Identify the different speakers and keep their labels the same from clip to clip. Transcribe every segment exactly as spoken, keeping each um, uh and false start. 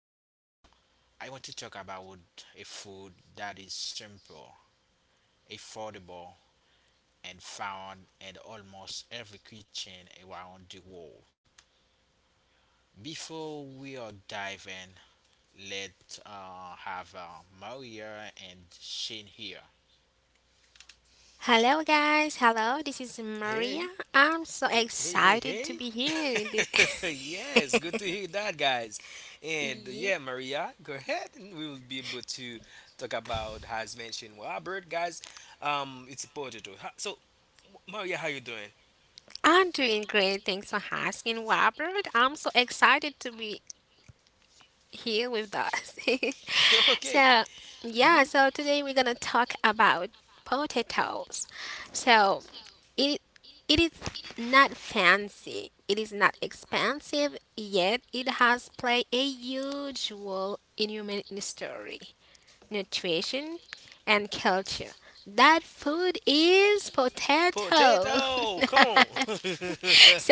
Speaker 1: Today, I want to talk about a food that is simple, affordable, and found in almost every kitchen around the world. Before we are diving, let's uh, have uh, Maria and Shane here.
Speaker 2: Hey, hey, I'm hey, hey, good. Hey. Excited. Yes, good to hear that, guys. And uh, yeah, Maria, go ahead, and we will be able to talk about as mentioned Robert, guys. Um, it's important to ha- so. Maria, how you doing? You okay. hmm Potato. Potato, come on.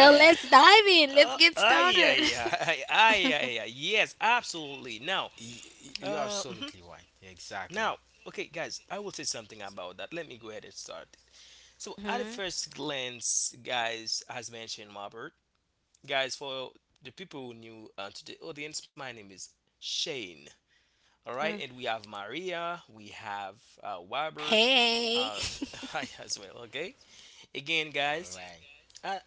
Speaker 1: Yeah,
Speaker 2: Dive uh, in. Yeah. Ay, ay, ay, yes, absolutely. Now,
Speaker 1: y- y- you're
Speaker 2: uh, mhm.
Speaker 1: absolutely right.
Speaker 2: Now,
Speaker 1: Exactly.
Speaker 2: okay, guys, I will say something about that. Let me go ahead and start it. So, at the first glance, guys, as mentioned, Robert, guys, for the people who new uh, to the audience, my name is Shane. All right, and we have Maria, we have uh, Robert, uh, I as well. Okay, again,
Speaker 1: All
Speaker 2: guys,
Speaker 1: right.
Speaker 2: I,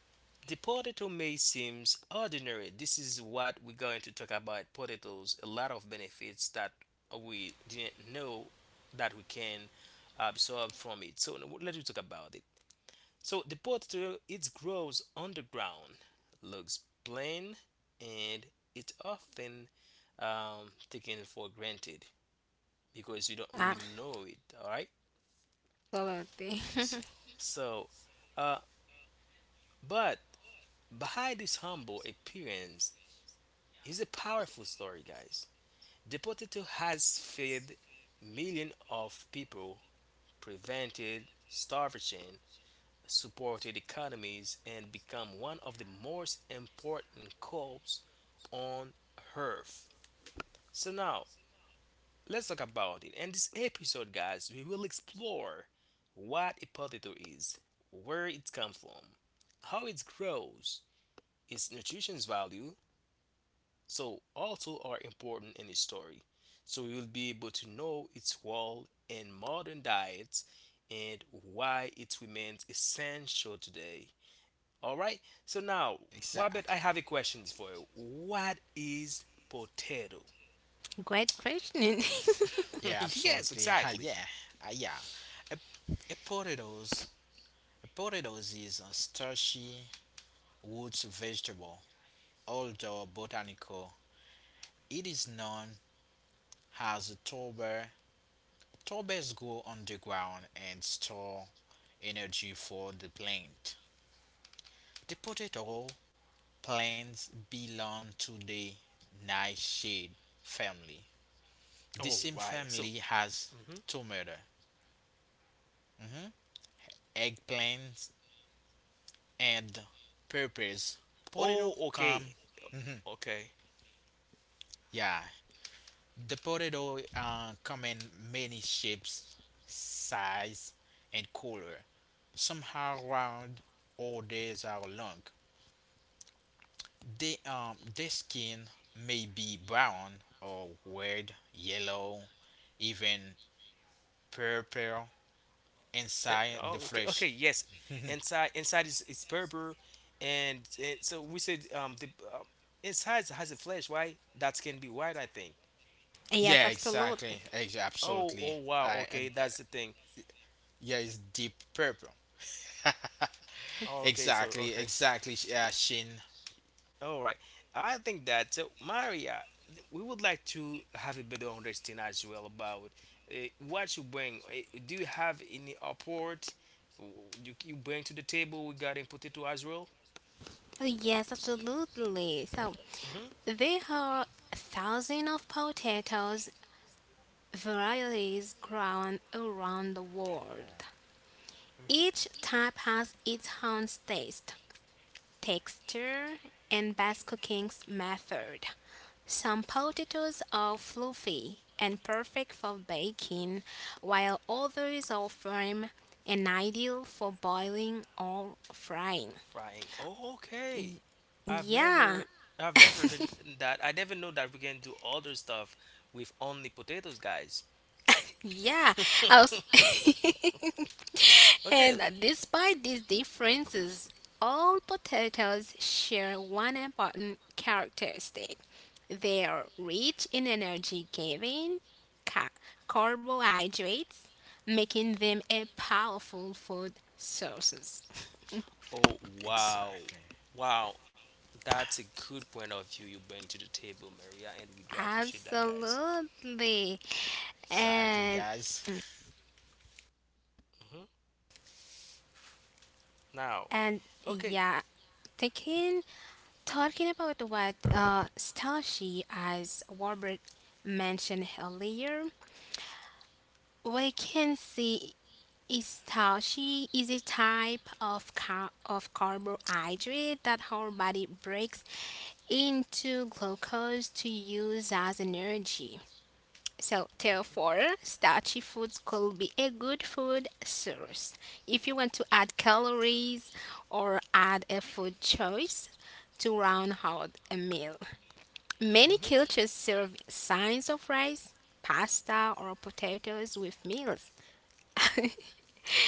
Speaker 2: the potato may seem ordinary. This is what we're going to talk about potatoes, a lot of benefits that we didn't know that we can absorb from it. So now let's talk about it. So the potato it grows underground, looks plain, and it's often um, taken for granted because you don't really know it. All right.
Speaker 1: Exa-
Speaker 2: So, uh, but behind this humble appearance is a powerful story, guys. The potato has fed millions of people, prevented starvation, supported economies, and become one of the most important crops on earth. So now let's talk about it. In this episode, guys, we will explore what a potato is, where it comes from, how it grows, its nutrition value, so also are important in the story. So we will be able to know its role in modern diets and why it remains essential today. All right. So now, Wabet, I
Speaker 1: Exactly.
Speaker 2: have a question for you. What is potato?
Speaker 1: Yeah,
Speaker 2: Yes,
Speaker 1: absolutely. Uh,
Speaker 2: exactly.
Speaker 1: yeah, uh, yeah. A, a potatoes, a potatoes is a starchy root vegetable. Although botanical, it is known as a tuber. Tubers grow underground and store energy for the plant. The potato plants belong to the nightshade family. The
Speaker 2: All
Speaker 1: same
Speaker 2: right. So,
Speaker 1: family has
Speaker 2: mhm.
Speaker 1: tomato, mhm, eggplant, and purpose.
Speaker 2: Oh,
Speaker 1: Potato
Speaker 2: okay,
Speaker 1: come,
Speaker 2: okay.
Speaker 1: yeah. The potato uh, come in many shapes, size, and color. Some are round, others are long. They um, their skin may be brown or red, yellow, even purple
Speaker 2: Uh,
Speaker 1: inside
Speaker 2: oh,
Speaker 1: the
Speaker 2: okay, okay,
Speaker 1: flesh.
Speaker 2: yes. Inside, inside is is purple, and, and so we said um the uh, inside has a flesh, right? That can be white, I think.
Speaker 1: yeah, exactly. Ex-
Speaker 2: Oh,
Speaker 1: absolutely.
Speaker 2: oh wow,
Speaker 1: I and
Speaker 2: okay,
Speaker 1: uh,
Speaker 2: that's the thing.
Speaker 1: yeah, it's deep purple.
Speaker 2: Oh, okay, so
Speaker 1: Exactly,
Speaker 2: okay,
Speaker 1: exactly. sh- Yeah, Shin.
Speaker 2: all right. I think that so Maria, th- we would like to have a better understanding as well about uh, what you bring. Uh, do you have any apport you, you bring to the table regarding potato as well? Mm-hmm.
Speaker 1: People.
Speaker 2: Frying. Oh, okay. I've never I've never heard that. I never know that we can do other stuff with only potatoes, guys. Okay. Oh, wow.
Speaker 1: Exactly.
Speaker 2: Wow. That's a good point of view you bring to the table, Maria, and we do appreciate that, guys.
Speaker 1: Exactly, guys.
Speaker 2: hmm Now, okay. hmm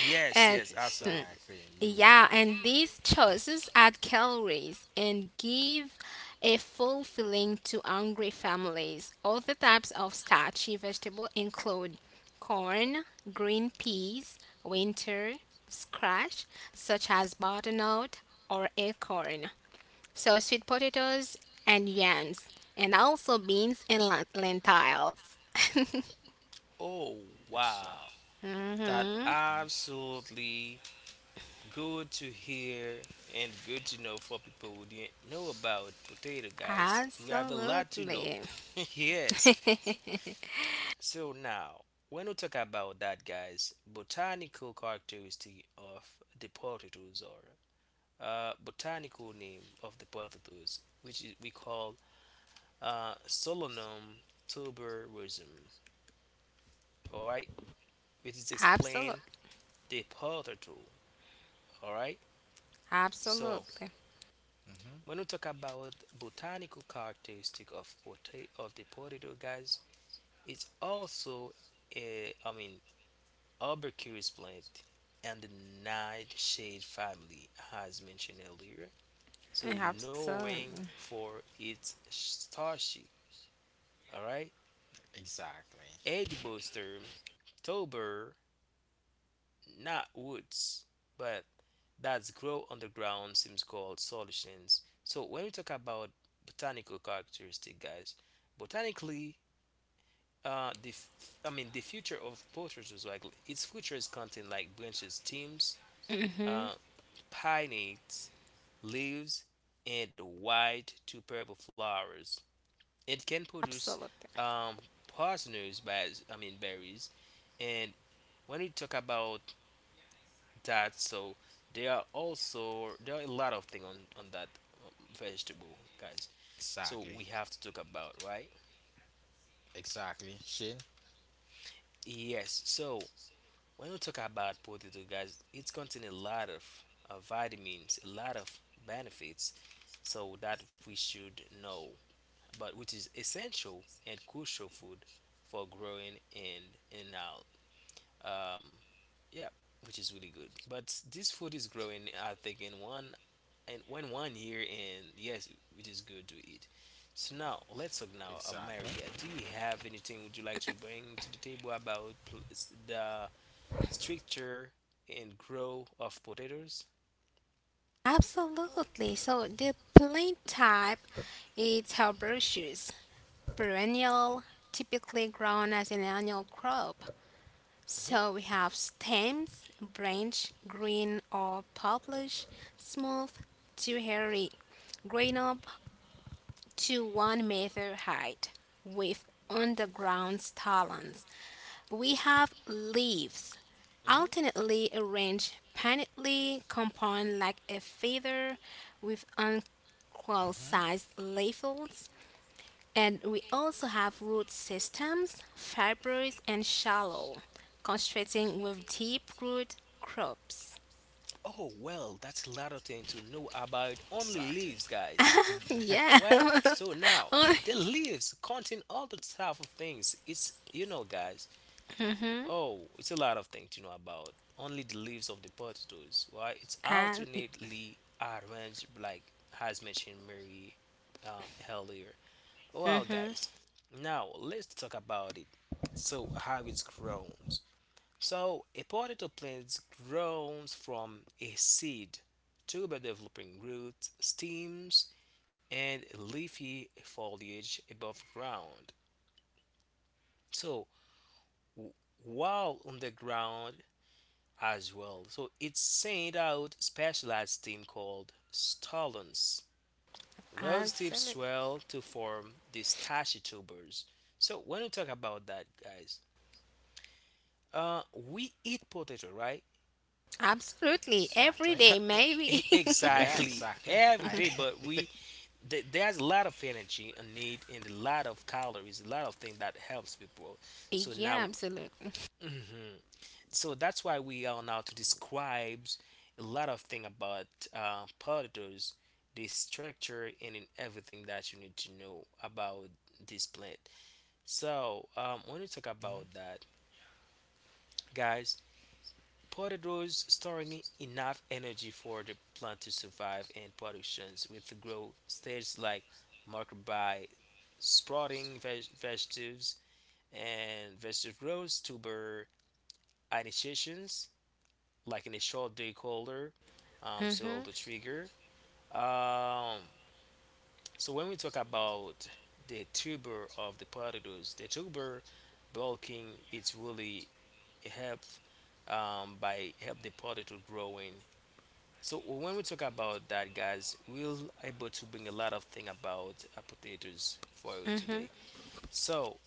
Speaker 2: Yes, yes, absolutely.
Speaker 1: Exactly. You were right.
Speaker 2: Oh,
Speaker 1: Exactly.
Speaker 2: wow. That absolutely good to hear and good to know for people who didn't know about potato, guys. We have a lot to know. Yes. So now, when we talk about that, guys, botanical characteristic of the potatoes or uh, botanical name of the potatoes, which is, we call uh, Solanum tuberosum. All right, which is explained the potato. All right. So
Speaker 1: hmm
Speaker 2: when we talk about botanical characteristic of pota- of the potato, guys, it's also a I mean herbivorous plant and the nightshade family, as mentioned earlier. So knowing for its starchy, all right,
Speaker 1: Exactly.
Speaker 2: edible stem, tuber, not roots, but that's grow underground seems called solutions. So when we talk about botanical characteristic, guys, botanically, uh, the f- I mean the future of poachers is like its future is content like branches, stems, uh, pinnates, leaves, and white to purple flowers. It can produce um, partners by I mean berries. And when we talk about that, so there are also there are a lot of things on on that um, vegetable, guys, so we
Speaker 1: Exactly.
Speaker 2: have to talk about, right?
Speaker 1: Exactly. Shin.
Speaker 2: Yes, so when we talk about potato, guys, it's contain a lot of uh, vitamins, a lot of benefits, so that we should know, but which is essential and crucial food for growing in and out, um yeah, which is really good, but this food is growing, I think, in one and when one year, and yes, it is good to eat. So now let's talk now, uh,
Speaker 1: Exactly.
Speaker 2: Maria, do you have anything would you like to bring to the table about pl- s- the structure and grow of potatoes? hmm hmm
Speaker 1: hmm
Speaker 2: oh well, that's a lot of thing to know about only
Speaker 1: Exactly.
Speaker 2: leaves, guys. Why so now the leaves contain all the type of things, it's you know guys Oh, it's a lot of things to know about. Only the leaves of the potatoes, right? It's alternately arranged, like has mentioned Mary um, earlier. Well, guys, now let's talk about it. So, how it grows. So, a potato plant grows from a seed to by developing roots, stems, and leafy foliage above ground. So, w- while on the ground, as well. So it sent out specialized team called stolons. Rose tips swell to form these tashy tubers. So when we talk about that, guys, uh, we eat potato, right?
Speaker 1: Exactly.
Speaker 2: Absolutely.
Speaker 1: Yeah,
Speaker 2: Exactly
Speaker 1: exactly.
Speaker 2: every
Speaker 1: I.
Speaker 2: day, but we th- there's a lot of energy and need and a lot of calories, a lot of things that helps people. So now, mhm. So that's why we are now to describe a lot of thing about uh, potatoes, the structure, and in everything that you need to know about this plant. So um, when you talk about that, guys, potatoes storing enough energy for the plant to survive and productions with grow stages like marked by sprouting veg- vegetables and vegetable growth, tuber initiations, like in a short day colder, um, so the trigger um, so when we talk about the tuber of the potatoes, the tuber bulking, it's really help, um, by help the potato growing. So when we talk about that, guys, we'll able to bring a lot of thing about uh, potatoes for you today. So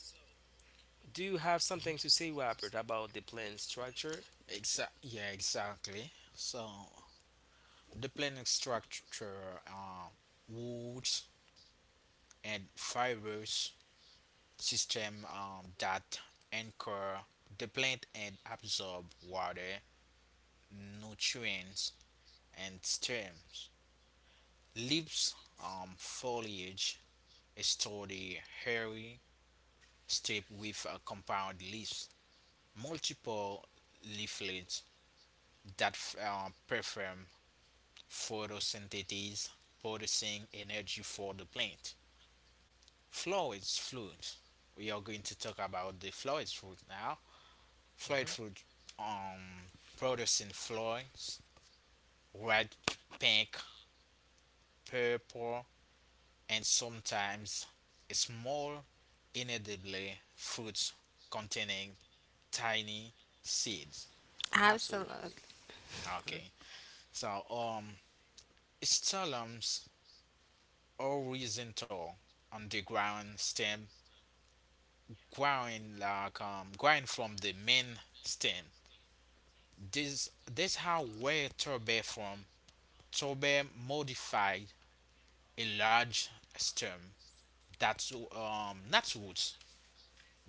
Speaker 2: do you have something to say, Robert, about the plant structure?
Speaker 1: Exa- yeah, exactly. So the planet structure, uh, woods and fibers system um, that anchor the plant and absorb water, nutrients, and stems. Leaves, um, foliage, store the hairy strip with uh, compound leaves. Multiple leaflets that f- uh, perform photosynthesis, producing energy for the plant. Flowers, fruit. We are going to talk about the flowers fruit now. Fried
Speaker 2: hmm
Speaker 1: food um, produced in flowers, red, pink, purple, and sometimes small, inedible fruits containing tiny seeds.
Speaker 2: Absolutely. hmm
Speaker 1: Okay, so um, stolons horizontal underground stem growing like um, growing from the main stem. This this how where tobe from tobe modified a large stem that's um that's roots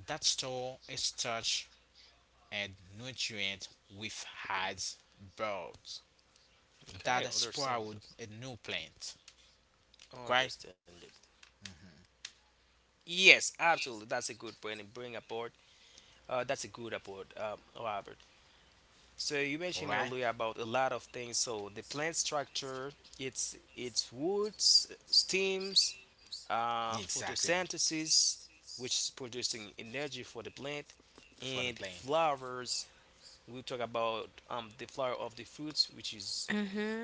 Speaker 1: that store a starch and nutrient with hides bulbs that
Speaker 2: okay, understand.
Speaker 1: sprout a new plant. Right?
Speaker 2: Understandable. Yes, absolutely. That's a good point. And bring aboard. Uh, that's a good aboard, um, Robert. So you mentioned
Speaker 1: Alright?
Speaker 2: earlier about a lot of things. So the plant structure, its its woods, stems, uh,
Speaker 1: Exactly.
Speaker 2: photosynthesis, which is producing energy for the plant,
Speaker 1: For the
Speaker 2: and
Speaker 1: plant.
Speaker 2: flowers. We talk about um, the flower of the fruits, which is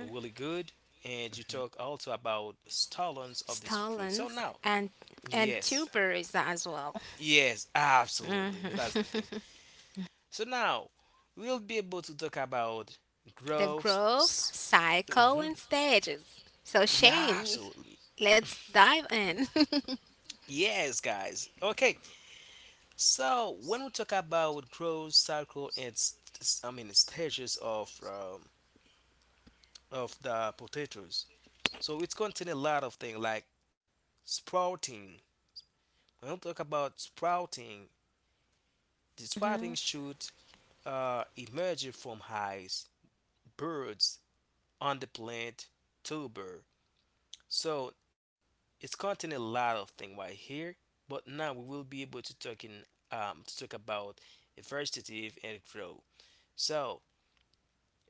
Speaker 2: really good, and you talk also about stolons of this fruit. So now, yes. Yes, absolutely. That's the thing. So now we'll be able to talk about growth. s- Mhm. Yeah, absolutely. Yes, guys. Okay. So when we talk about growth cycle and st- s- I mean stages of um, of the potatoes, so it's contain a lot of things like sprouting. When we talk about sprouting, the sprouting should uh, emerge from eyes, birds, on the plant tuber. So it's contain a lot of things right here, but now we will be able to talk in um, to talk about vegetative and grow. So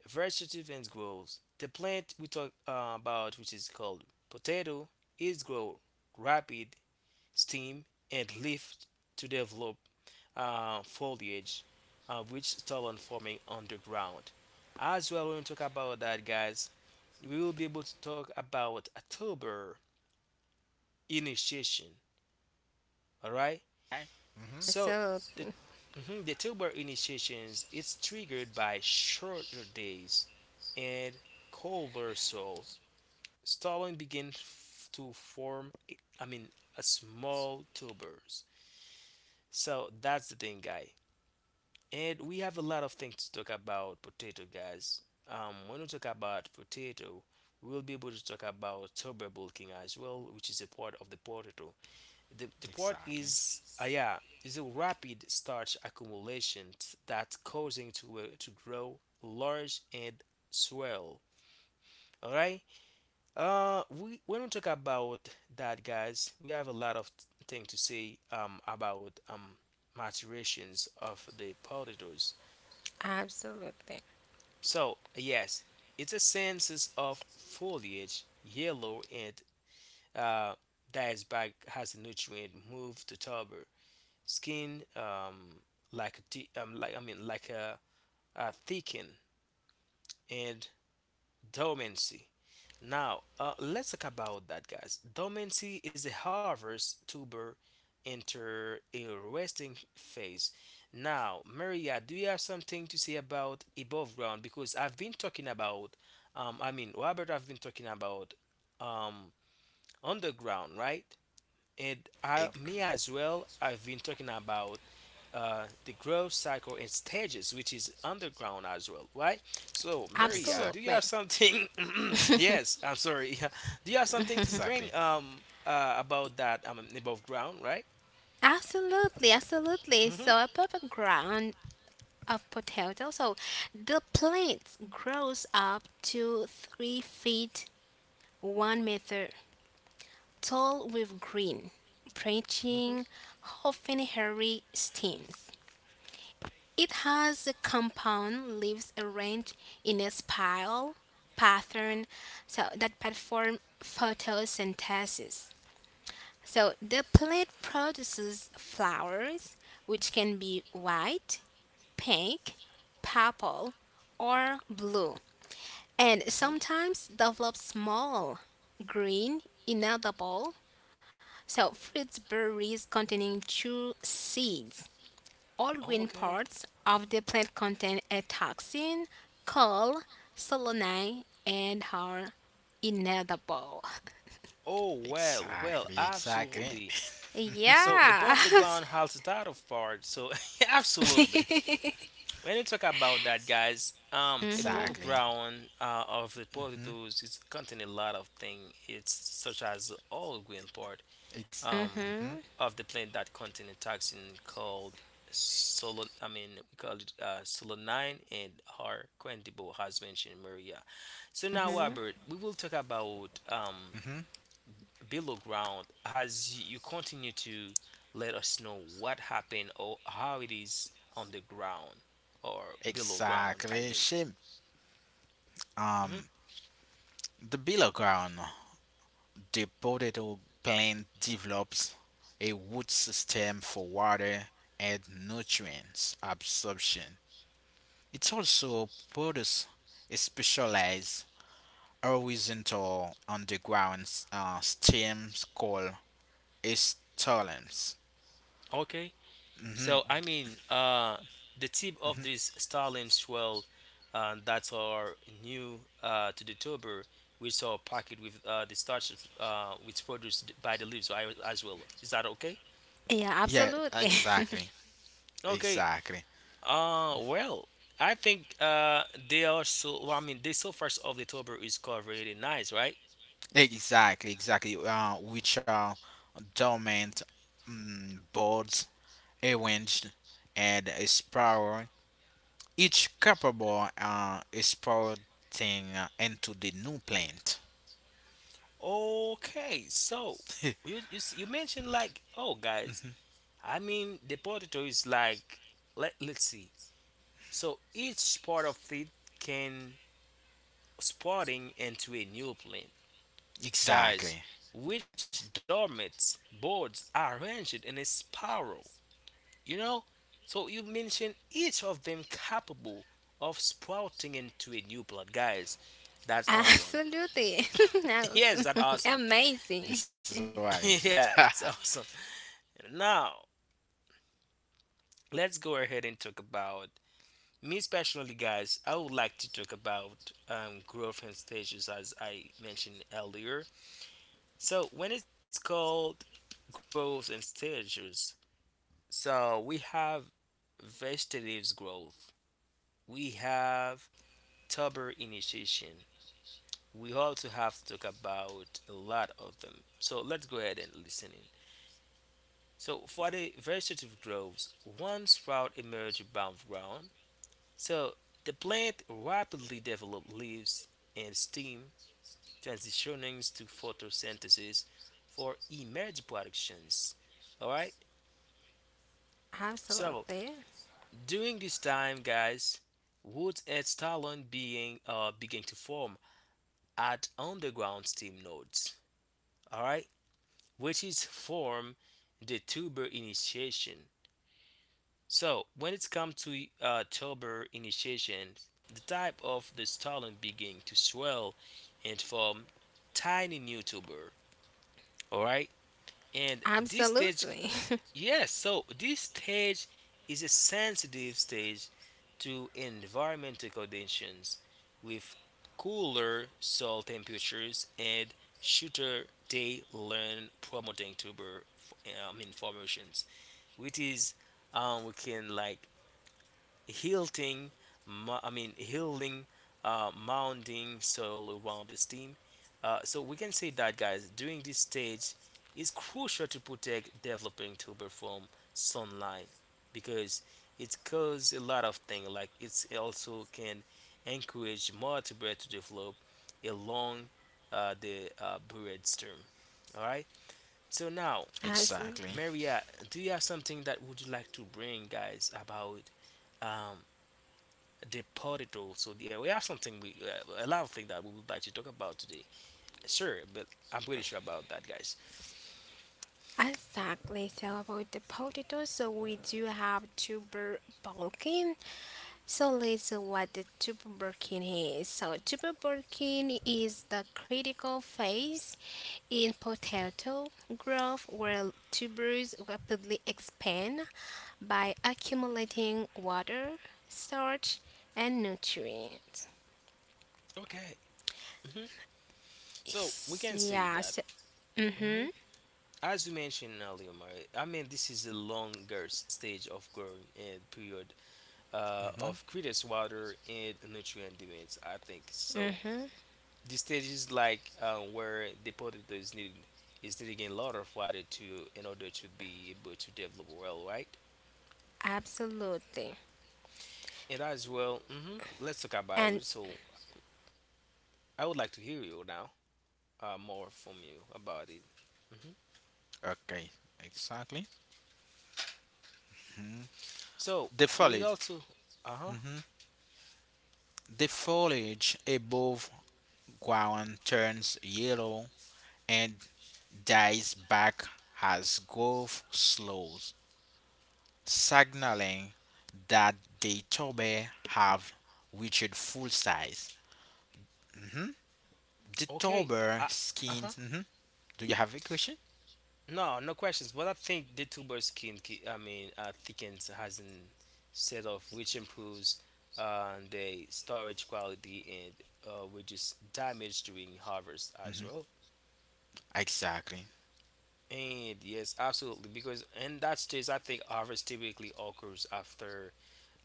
Speaker 2: vegetative and growth. The plant we talk uh, about, which is called potato, is grow rapid stem and leaf to develop uh, foliage, uh, which start on forming underground. As well, when we talk about that, guys, we will be able to talk about October initiation. All right.
Speaker 1: Right? Mm-hmm.
Speaker 2: So the mhm, the October initiations is triggered by shorter days and colder soil. Stalling begins f- to form. a- I mean, a small tubers. So that's the thing, guy. And we have a lot of things to talk about potato, guys. Um, when we talk about potato, we'll be able to talk about tuber bulking as well, which is a part of the potato. the, the part
Speaker 1: Exactly.
Speaker 2: is uh, yeah, is a rapid starch accumulation t- that causing to uh, to grow large and swell. All right. uh we When we talk about that, guys, we have a lot of thing to say um about um maturations of the potatoes. So yes, it's a sense of foliage yellow and uh dies back, has a nutrient move to tuber skin, um, like di- um, like I mean like a, a thickening and dormancy. Now, uh, let's talk about that, guys. Dormancy is a harvest tuber enter a resting phase. Now, Maria, do you have something to say about above ground? Because I've been talking about, um, I mean, Robert, I've been talking about um, underground, right? And I,
Speaker 1: Ex-
Speaker 2: me as well, I've been talking about uh, the growth cycle and stages, which is underground as well, right? So, Maria,
Speaker 1: exactly.
Speaker 2: do you have something? Yes, I'm sorry. Do you have something to bring
Speaker 1: Exactly.
Speaker 2: um uh, about that um above ground, right? Mm-hmm. Mm-hmm. Mm-hmm. Okay. Oh well, well,
Speaker 1: Exactly. Exactly.
Speaker 2: absolutely. So above the ground halts that of part. So absolutely, when you talk about that, guys, um, above
Speaker 1: exactly.
Speaker 2: ground uh, of the
Speaker 1: Mm-hmm.
Speaker 2: potatoes is contain a lot of things. It's such as all green part
Speaker 1: Ex-
Speaker 2: um
Speaker 1: mm-hmm.
Speaker 2: of the plant that contain a toxin called solon. I mean, we call it uh, solanine and her quantibo has mentioned Maria. So now, Robert, we will talk about um
Speaker 1: Mm-hmm.
Speaker 2: below ground as you continue to let us know what happened or how it is on the ground or below ground, I
Speaker 1: Exactly.
Speaker 2: mean.
Speaker 1: She
Speaker 2: Mhm.
Speaker 1: um the below ground. The potato plant develops a root system for water and nutrients absorption. It also produces a specialized horizontal underground s- uh, stem called a stolon.
Speaker 2: Okay,
Speaker 1: hmm
Speaker 2: so i mean uh the tip of
Speaker 1: hmm
Speaker 2: this starling swell uh, that are new uh, to the tuber. We saw a packet with uh, the starch uh, which produced by the leaves I- as well. Is that okay?
Speaker 1: Yeah, exactly,
Speaker 2: Okay.
Speaker 1: exactly,
Speaker 2: Uh, well, I think uh they are so. Well, I mean, the surface of the tuber is covered in nice, right?
Speaker 1: exactly, exactly. Uh, which are dormant mm, boards arranged and a spiral. Each capable uh, is sprouting uh, into the new plant.
Speaker 2: Okay, so you you s- you mentioned like, oh guys, I mean the potato is like, let let's see. So each part of it can sprouting into a new plant, guys,
Speaker 1: exactly.
Speaker 2: which dormant boards are arranged in a spiral. You know? So you mentioned each of them capable of sprouting into a new plot. Guys, that's awesome. Yes, that's awesome.
Speaker 1: This is what it is.
Speaker 2: Yeah, it's awesome. Now, let's go ahead and talk about me personally, guys. I would like to talk about um, growth and stages as I mentioned earlier. So, when it's called growth and stages, so we have vegetative growth, we have tuber initiation, we also have to talk about a lot of them. So let's go ahead and listen in. So for the vegetative groves, one sprout emerge above ground. So the plant rapidly develops leaves and stem, transitioning to photosynthesis for emerge productions. All right. So during this time, guys, roots and stolon being uh, begin to form at underground stem nodes. All right. Which is form the tuber initiation. So when it's come to uh, tuber initiation, the type of the stolon begin to swell and form tiny new tuber. All right, and this stage. Yes, so this stage is a sensitive stage to environmental conditions with cooler soil temperatures and shorter day length promoting tuber f- I mean formations, which is um we can like Hilting, mu- I mean, healing, uh, mounding soil around the stem. Uh, so we can say that, guys, during this stage, it's crucial to protect developing tuber from sunlight because it causes a lot of things. Like it's also can encourage more tuber to develop along uh, the uh, brainstem. All right. So now,
Speaker 1: exactly.
Speaker 2: Maria, do you have something that would you like to bring, guys, about? um Deported also. Yeah, we have something we uh, a lot of things that we would like to talk about today. Sure, but I'm pretty sure about that, guys. Okay. hmm so we can say that. hmm As you mentioned earlier, Mari, I mean, this is the longer stage of growing and period uh,
Speaker 1: hmm
Speaker 2: of greatest water and nutrient demands, I think. So, this stage is like uh, where the potato is needed, is needing a lot of water to in order to be able to develop well, right? And as well, hmm let's talk about it. So I would like to hear you now, uh, more from you about it. hmm
Speaker 1: Okay. Exactly. Mhm.
Speaker 2: So
Speaker 1: The
Speaker 2: we
Speaker 1: foliage.
Speaker 2: also, uh huh,
Speaker 1: hmm The foliage above ground turns yellow and dies back as growth slows, signaling that the tobe have reached full size. Mhm. The
Speaker 2: okay,
Speaker 1: Tober
Speaker 2: uh
Speaker 1: skin.
Speaker 2: huh.
Speaker 1: hmm Do you have a question?
Speaker 2: No, no questions. But I think the tuber skin, ki- I mean, uh, thickens hasn't set off, which improves uh, the storage quality and uh, reduce damage during harvest as
Speaker 1: hmm
Speaker 2: well.
Speaker 1: Exactly.
Speaker 2: And yes, absolutely, because in that stage, I think harvest typically occurs after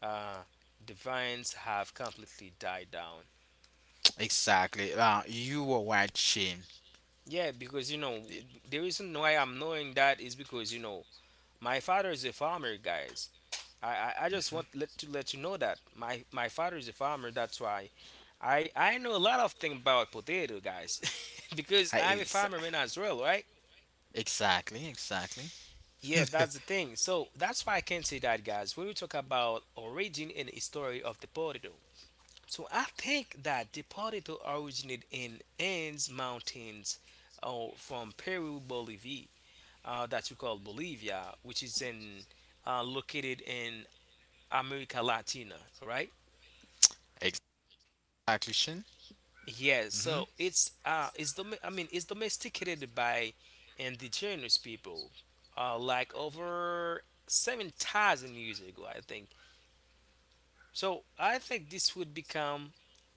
Speaker 2: uh, the vines have completely died down.
Speaker 1: Exactly. Uh, you were right, Shane.
Speaker 2: Yeah, because you know
Speaker 1: It-
Speaker 2: the reason why I'm knowing that is because you know my father is a farmer, guys. I I, I just want let, to let you know that my my father is a farmer. That's why I I know a lot of thing about potato, guys, because
Speaker 1: uh,
Speaker 2: I'm a
Speaker 1: ex-
Speaker 2: farmerman as well, right?
Speaker 1: Exactly. Exactly.
Speaker 2: Yeah, that's the thing. So that's why I can say that, guys. When we talk about origin and history of the potato, so I think that the potato originated in Andes Mountains uh, from Peru, Bolivia, uh, that we call Bolivia, which is in uh, located in America Latina, right?
Speaker 1: Exactly, Shane.
Speaker 2: Yes,
Speaker 1: Mm-hmm.
Speaker 2: so it's uh it's dom I mean it's domesticated by indigenous people uh like over seven thousand years ago, I think. So I think this would become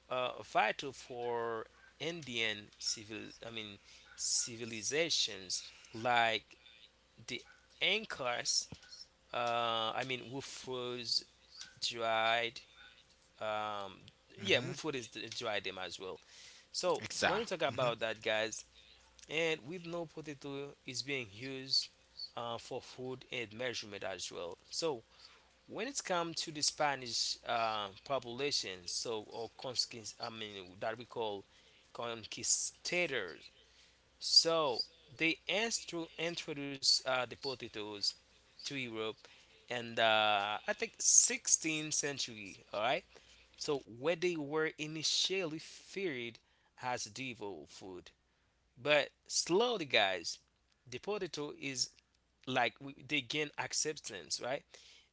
Speaker 2: uh, vital for Indian civil I mean civilizations like the Incas. Uh, I mean, Wufus dried. Um, yeah,
Speaker 1: Mm-hmm.
Speaker 2: Wufus is the- dried them as well. So when we
Speaker 1: Exactly.
Speaker 2: talk
Speaker 1: Mm-hmm.
Speaker 2: about that, guys, and with no potato is being used uh, for food and measurement as well. So when it's come to the Spanish uh, population, so or conquist, I mean that we call conquistadors, so they instru- introduced uh, the potatoes to Europe, and uh, I think sixteenth century. All right, so where they were initially feared as devil food, but slowly, guys, the potato is like we, they gain acceptance, right?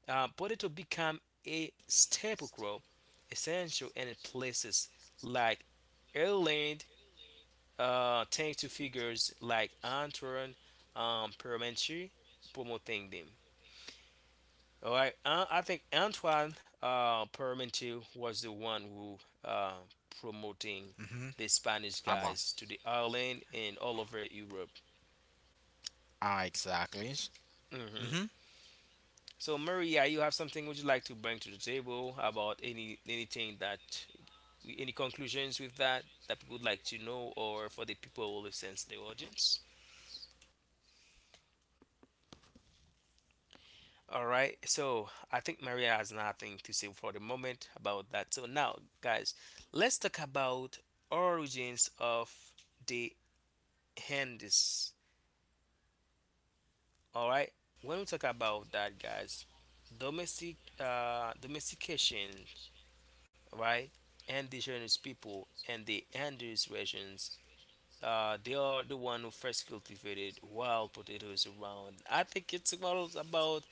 Speaker 2: Uh, potato become a staple crop, essential in places like Ireland, uh, thanks to figures like Antoine um, Parmentier promoting them. All right, uh, I think Antoine uh, Parmentier was the one who uh, promoting
Speaker 1: Mm-hmm.
Speaker 2: the Spanish
Speaker 1: About.
Speaker 2: guys to the Ireland and all over Europe.
Speaker 1: Ah, exactly.
Speaker 2: hmm
Speaker 1: Mm-hmm.
Speaker 2: So Maria, you have something would you like to bring to the table about any anything that any conclusions with that that people would like to know or for the people who listen to the audience? All right. So I think Maria has nothing to say for the moment about that. So now, guys, let's talk about origins of the handis. All right. When we talk about that, guys, domestic uh, domestication, right? Indigenous people and the Andes regions, uh, they are the one who first cultivated wild potatoes around. I think it's about about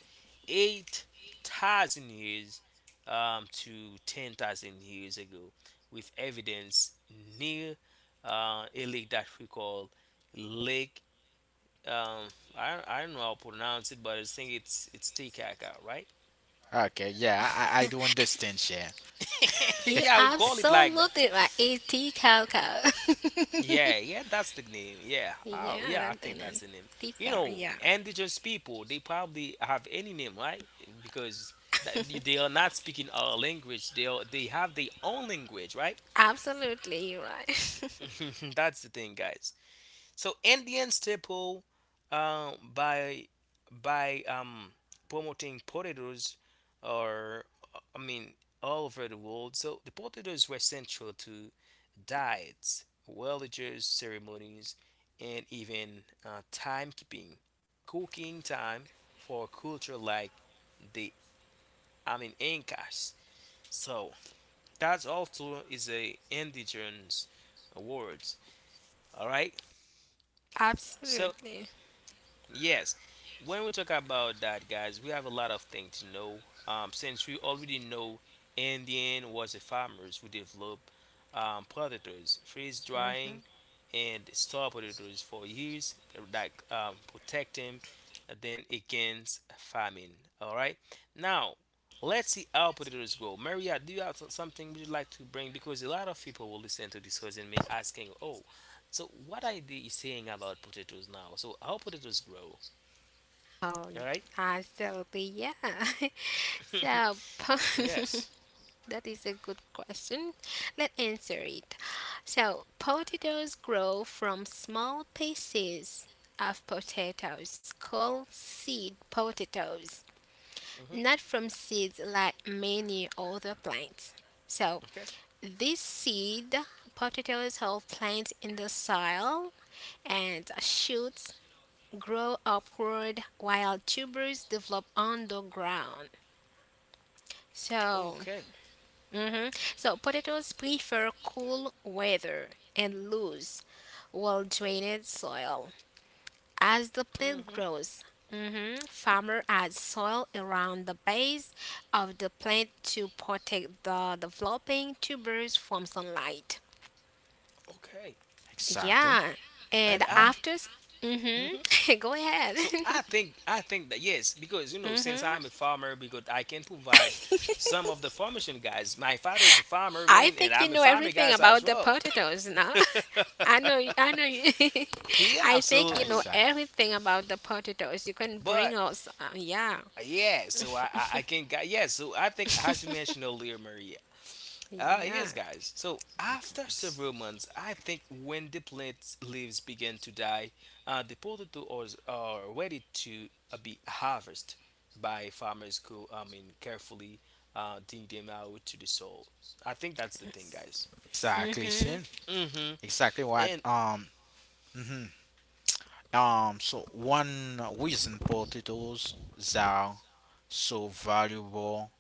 Speaker 2: eight thousand years um, to ten thousand years ago, with evidence near uh, a lake that we call Lake. Um, I, I don't know how to pronounce it, but I think it's it's Titicaca, right?
Speaker 1: Okay. Yeah, I, I do understand, Shane.
Speaker 3: You
Speaker 2: Yeah, we call it like that.
Speaker 3: absolutely right. It's tea cocoa.
Speaker 2: Yeah, yeah, that's the name. Yeah, oh, yeah,
Speaker 3: Yeah,
Speaker 2: I think
Speaker 3: then a
Speaker 2: that's the name.
Speaker 3: tea
Speaker 2: You
Speaker 3: cocoa.
Speaker 2: know,
Speaker 3: Yeah,
Speaker 2: indigenous people, they probably have any name, right? Because that, they are not speaking our language. They are, they have their own language, right?
Speaker 3: absolutely, you're right.
Speaker 2: That's the thing, guys. So Indian staple um, by by um, promoting potatoes or I mean all over the world. So the potatoes were central to diets, religious ceremonies, and even uh, timekeeping, cooking time for culture like the I mean Incas. So that also is a indigenous words. All right. So
Speaker 3: Absolutely.
Speaker 2: yes, when we talk about that, guys, we have a lot of things to know. Um, since we already know Indian was the farmers who developed um, predators, freeze
Speaker 3: Mm-hmm.
Speaker 2: drying, and store predators for years, like um, protect them then against famine. All right, now let's see how predators grow. Maria, do you have some- something would you like to bring? Because a lot of people will listen to this and me asking, "Oh, so what I the is saying about potatoes now? So how potatoes grow?
Speaker 3: Oh,
Speaker 2: All right.
Speaker 3: absolutely, yeah. so, po-
Speaker 2: Yes.
Speaker 3: that is a good question. Let's answer it. So, potatoes grow from small pieces of potatoes called seed potatoes,
Speaker 2: hmm
Speaker 3: not from seeds like many other plants. So,
Speaker 2: Okay.
Speaker 3: these seed potatoes hold plants in the soil, and shoots grow upward while tubers develop underground. So,
Speaker 2: Okay.
Speaker 3: mhm. so potatoes prefer cool weather and loose, well drained soil. As the plant
Speaker 2: hmm
Speaker 3: grows, mhm, farmer adds soil around the base of the plant to protect the developing tubers from sunlight.
Speaker 2: Okay.
Speaker 1: Exactly.
Speaker 3: Yeah, and
Speaker 2: And I.
Speaker 1: Mm-hmm.
Speaker 3: after,
Speaker 2: hmm
Speaker 3: mm-hmm, go ahead.
Speaker 2: So I think I think that yes, because you know, since I'm a
Speaker 3: hmm
Speaker 2: farmer, because I can provide some of the formation guys. My father is a farmer,
Speaker 3: I
Speaker 2: man, and
Speaker 3: think you
Speaker 2: I'm a
Speaker 3: know
Speaker 2: farmer
Speaker 3: everything
Speaker 2: guys as
Speaker 3: about the
Speaker 2: well.
Speaker 3: potatoes now. I know, I know. You.
Speaker 2: Yeah,
Speaker 3: I think you know
Speaker 2: absolutely.
Speaker 1: Exactly.
Speaker 3: everything about the potatoes. You can
Speaker 2: But
Speaker 3: bring us, uh, yeah,
Speaker 2: uh, yeah, so I I, I can got yeah. So I think as you mentioned earlier, Maria. Uh,
Speaker 3: yeah.
Speaker 2: yes, guys. So after several months, I think when the plant's leaves begin to die, uh, the potatoes are ready to uh, be harvested by farmers who, I mean, carefully uh, dig them out to the soil. I think that's the thing, guys.
Speaker 1: Exactly,
Speaker 3: Mm-hmm,
Speaker 1: Shane.
Speaker 2: Mm-hmm.
Speaker 1: Exactly what.
Speaker 2: And
Speaker 1: Um. mhm. Um, so one reason potatoes are so valuable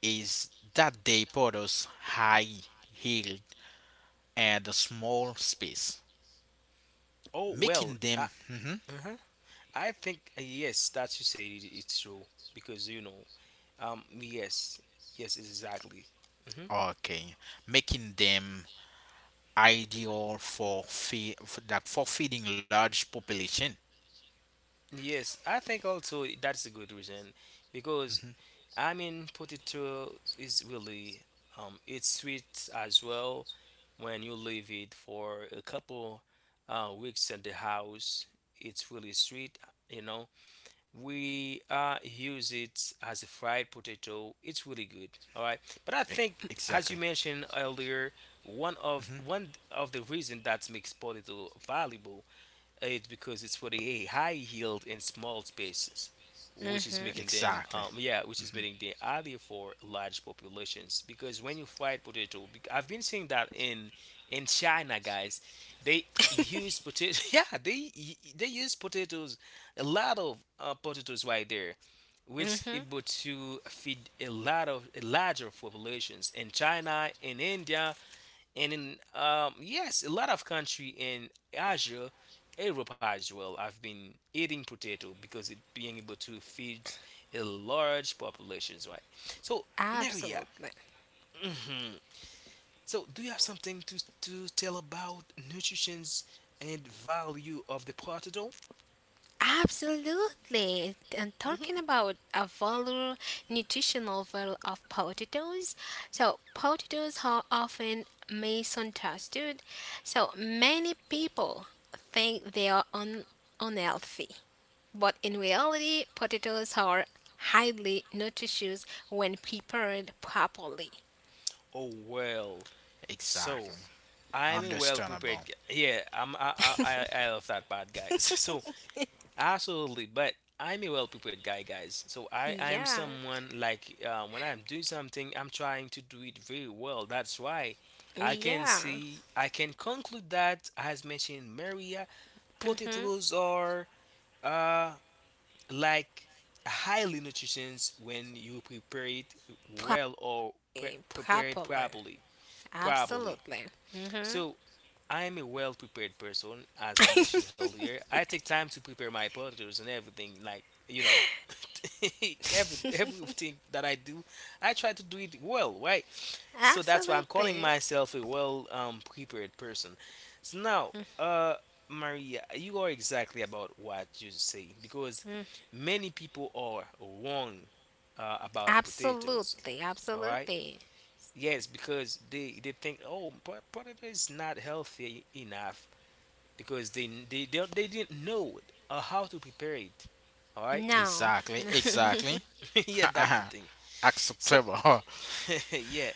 Speaker 1: is that they produce high yield and a small space,
Speaker 2: oh
Speaker 1: making
Speaker 2: well, uh,
Speaker 1: them Mhm.
Speaker 2: uh-huh. I think uh, yes, that you say it, it's true because you know, um, yes, yes, exactly. hmm
Speaker 1: okay, making them ideal for feed that for feeding large population.
Speaker 2: Yes, I think also that's a good reason because
Speaker 1: hmm
Speaker 2: I mean, potato is really um, it's sweet as well when you leave it for a couple uh, weeks in the house. It's really sweet, you know. We uh use it as a fried potato, it's really good. All right, but I think as
Speaker 1: Exactly.
Speaker 2: you mentioned earlier, one of
Speaker 1: hmm
Speaker 2: one of the reason that makes potato valuable uh, it's because it's for the high yield in small spaces, which is making
Speaker 3: mm-hmm,
Speaker 2: them,
Speaker 1: Exactly.
Speaker 2: um, yeah, which is
Speaker 1: hmm
Speaker 2: making them ideal for large populations. Because when you fried potato, bec- I've been seeing that in in China, guys, they use potato. Yeah, they y- they use potatoes, a lot of uh, potatoes right there, which
Speaker 3: mm-hmm.
Speaker 2: able to feed a lot of larger populations in China, in India, and in um yes a lot of country in Asia, Europe as well have been eating potato because it being able to feed a large populations, right? So Maria,
Speaker 3: Absolutely.
Speaker 2: hmm so do you have something to to tell about nutrition's and value of the potato?
Speaker 3: Absolutely. And
Speaker 2: hmm
Speaker 3: talking about a value, nutritional value of potatoes. So, potatoes are often misunderstood. So, many people think they are un- unhealthy, but in reality, potatoes are highly nutritious when prepared properly.
Speaker 2: oh well, so
Speaker 1: Exactly.
Speaker 2: I'm a well prepared
Speaker 1: Understandable.
Speaker 2: guy, yeah, I'm I I I I love that part, guys. So absolutely, but I'm a well-prepared guy, guys. So I, I am
Speaker 3: Yeah.
Speaker 2: someone like uh, when I'm doing something, I'm trying to do it very well. That's why I can
Speaker 3: Yeah.
Speaker 2: see, I can conclude that, as mentioned, Maria,
Speaker 3: Mm-hmm.
Speaker 2: potatoes are uh like highly nutritious when you prepare it well or pre- prepare it
Speaker 3: Properly.
Speaker 2: properly. Properly.
Speaker 3: Absolutely. Mm-hmm.
Speaker 2: So, I'm a well prepared person, as I mentioned earlier. I take time to prepare my potatoes and everything, like, you know, every, everything that I do, I try to do it well, right? So, that's why I'm calling
Speaker 3: Absolutely.
Speaker 2: myself a well um, prepared person. So, now, uh, Maria, you are exactly about what you say because many people are wrong uh, about potatoes,
Speaker 3: Absolutely.
Speaker 2: all right?
Speaker 3: Absolutely.
Speaker 2: Yes, because they they think, oh, but potato is not healthy enough because they they do they didn't know it or how to prepare it. All right,
Speaker 3: No.
Speaker 1: Exactly. Exactly.
Speaker 2: yeah, that's the thing. So
Speaker 1: Acceptable.
Speaker 2: yeah,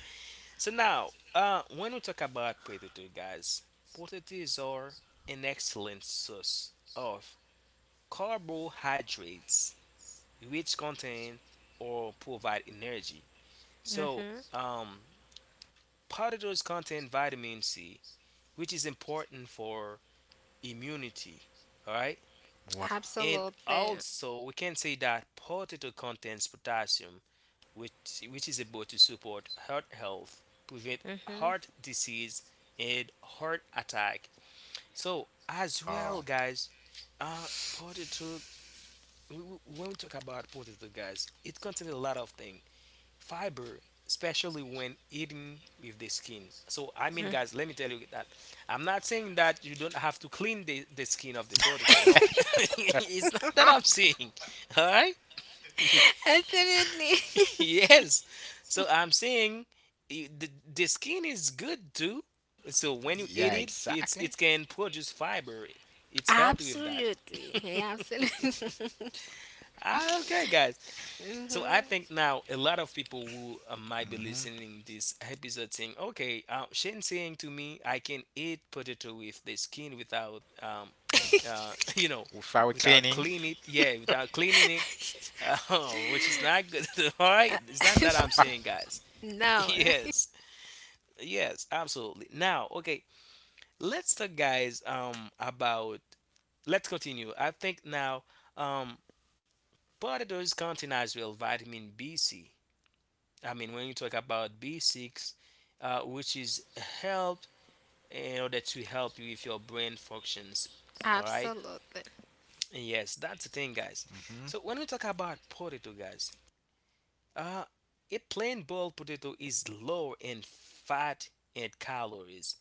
Speaker 2: so now uh, when we talk about potato, guys, potatoes are an excellent source of carbohydrates, which contain or provide energy. So um, potatoes contain vitamin C which is important for immunity. All right. And
Speaker 3: Absolutely.
Speaker 2: also, we can say that potato contains potassium, which, which is able to support heart health, prevent
Speaker 3: Mhm.
Speaker 2: heart disease, and heart attack. So, as
Speaker 1: Oh,
Speaker 2: well, guys, uh, potato, when we talk about potato, guys, it contains a lot of things fiber, especially when eaten with the skin. So, I mean, guys, let me tell you that I'm not saying that you don't have to clean the, the skin of the potato. No, it's not that I'm saying. All right?
Speaker 3: Absolutely.
Speaker 2: yes. So, I'm saying i- the, the skin is good too. So, when you eat
Speaker 1: yeah,
Speaker 2: it, it's
Speaker 1: exactly.
Speaker 2: it can produce fiber. It's helped with that.
Speaker 3: Absolutely. Yeah, absolutely.
Speaker 2: Ah, okay, guys. So I
Speaker 3: Mhm.
Speaker 2: think now a lot of people who uh, might be
Speaker 1: hmm
Speaker 2: listening this episode saying, "Okay, uh, Shane saying to me, I can eat potato with the skin without, um, uh, you know,
Speaker 1: Without
Speaker 2: without
Speaker 1: cleaning.
Speaker 2: clean it, yeah, without cleaning it, uh, which is not good." All right, it's not that I'm saying, guys.
Speaker 3: No. Right?
Speaker 2: Yes, yes, absolutely. Now, okay, let's talk, guys, um, about. Let's continue. I think now, um, potatoes contain as well vitamin B, C. I mean, when you talk about B six, uh, which is help in order to help you with your brain functions. All right.
Speaker 3: Absolutely.
Speaker 2: Yes, that's the thing, guys. So
Speaker 1: hmm
Speaker 2: when we talk about potato, guys, uh, a plain boiled potato is low in fat and calories,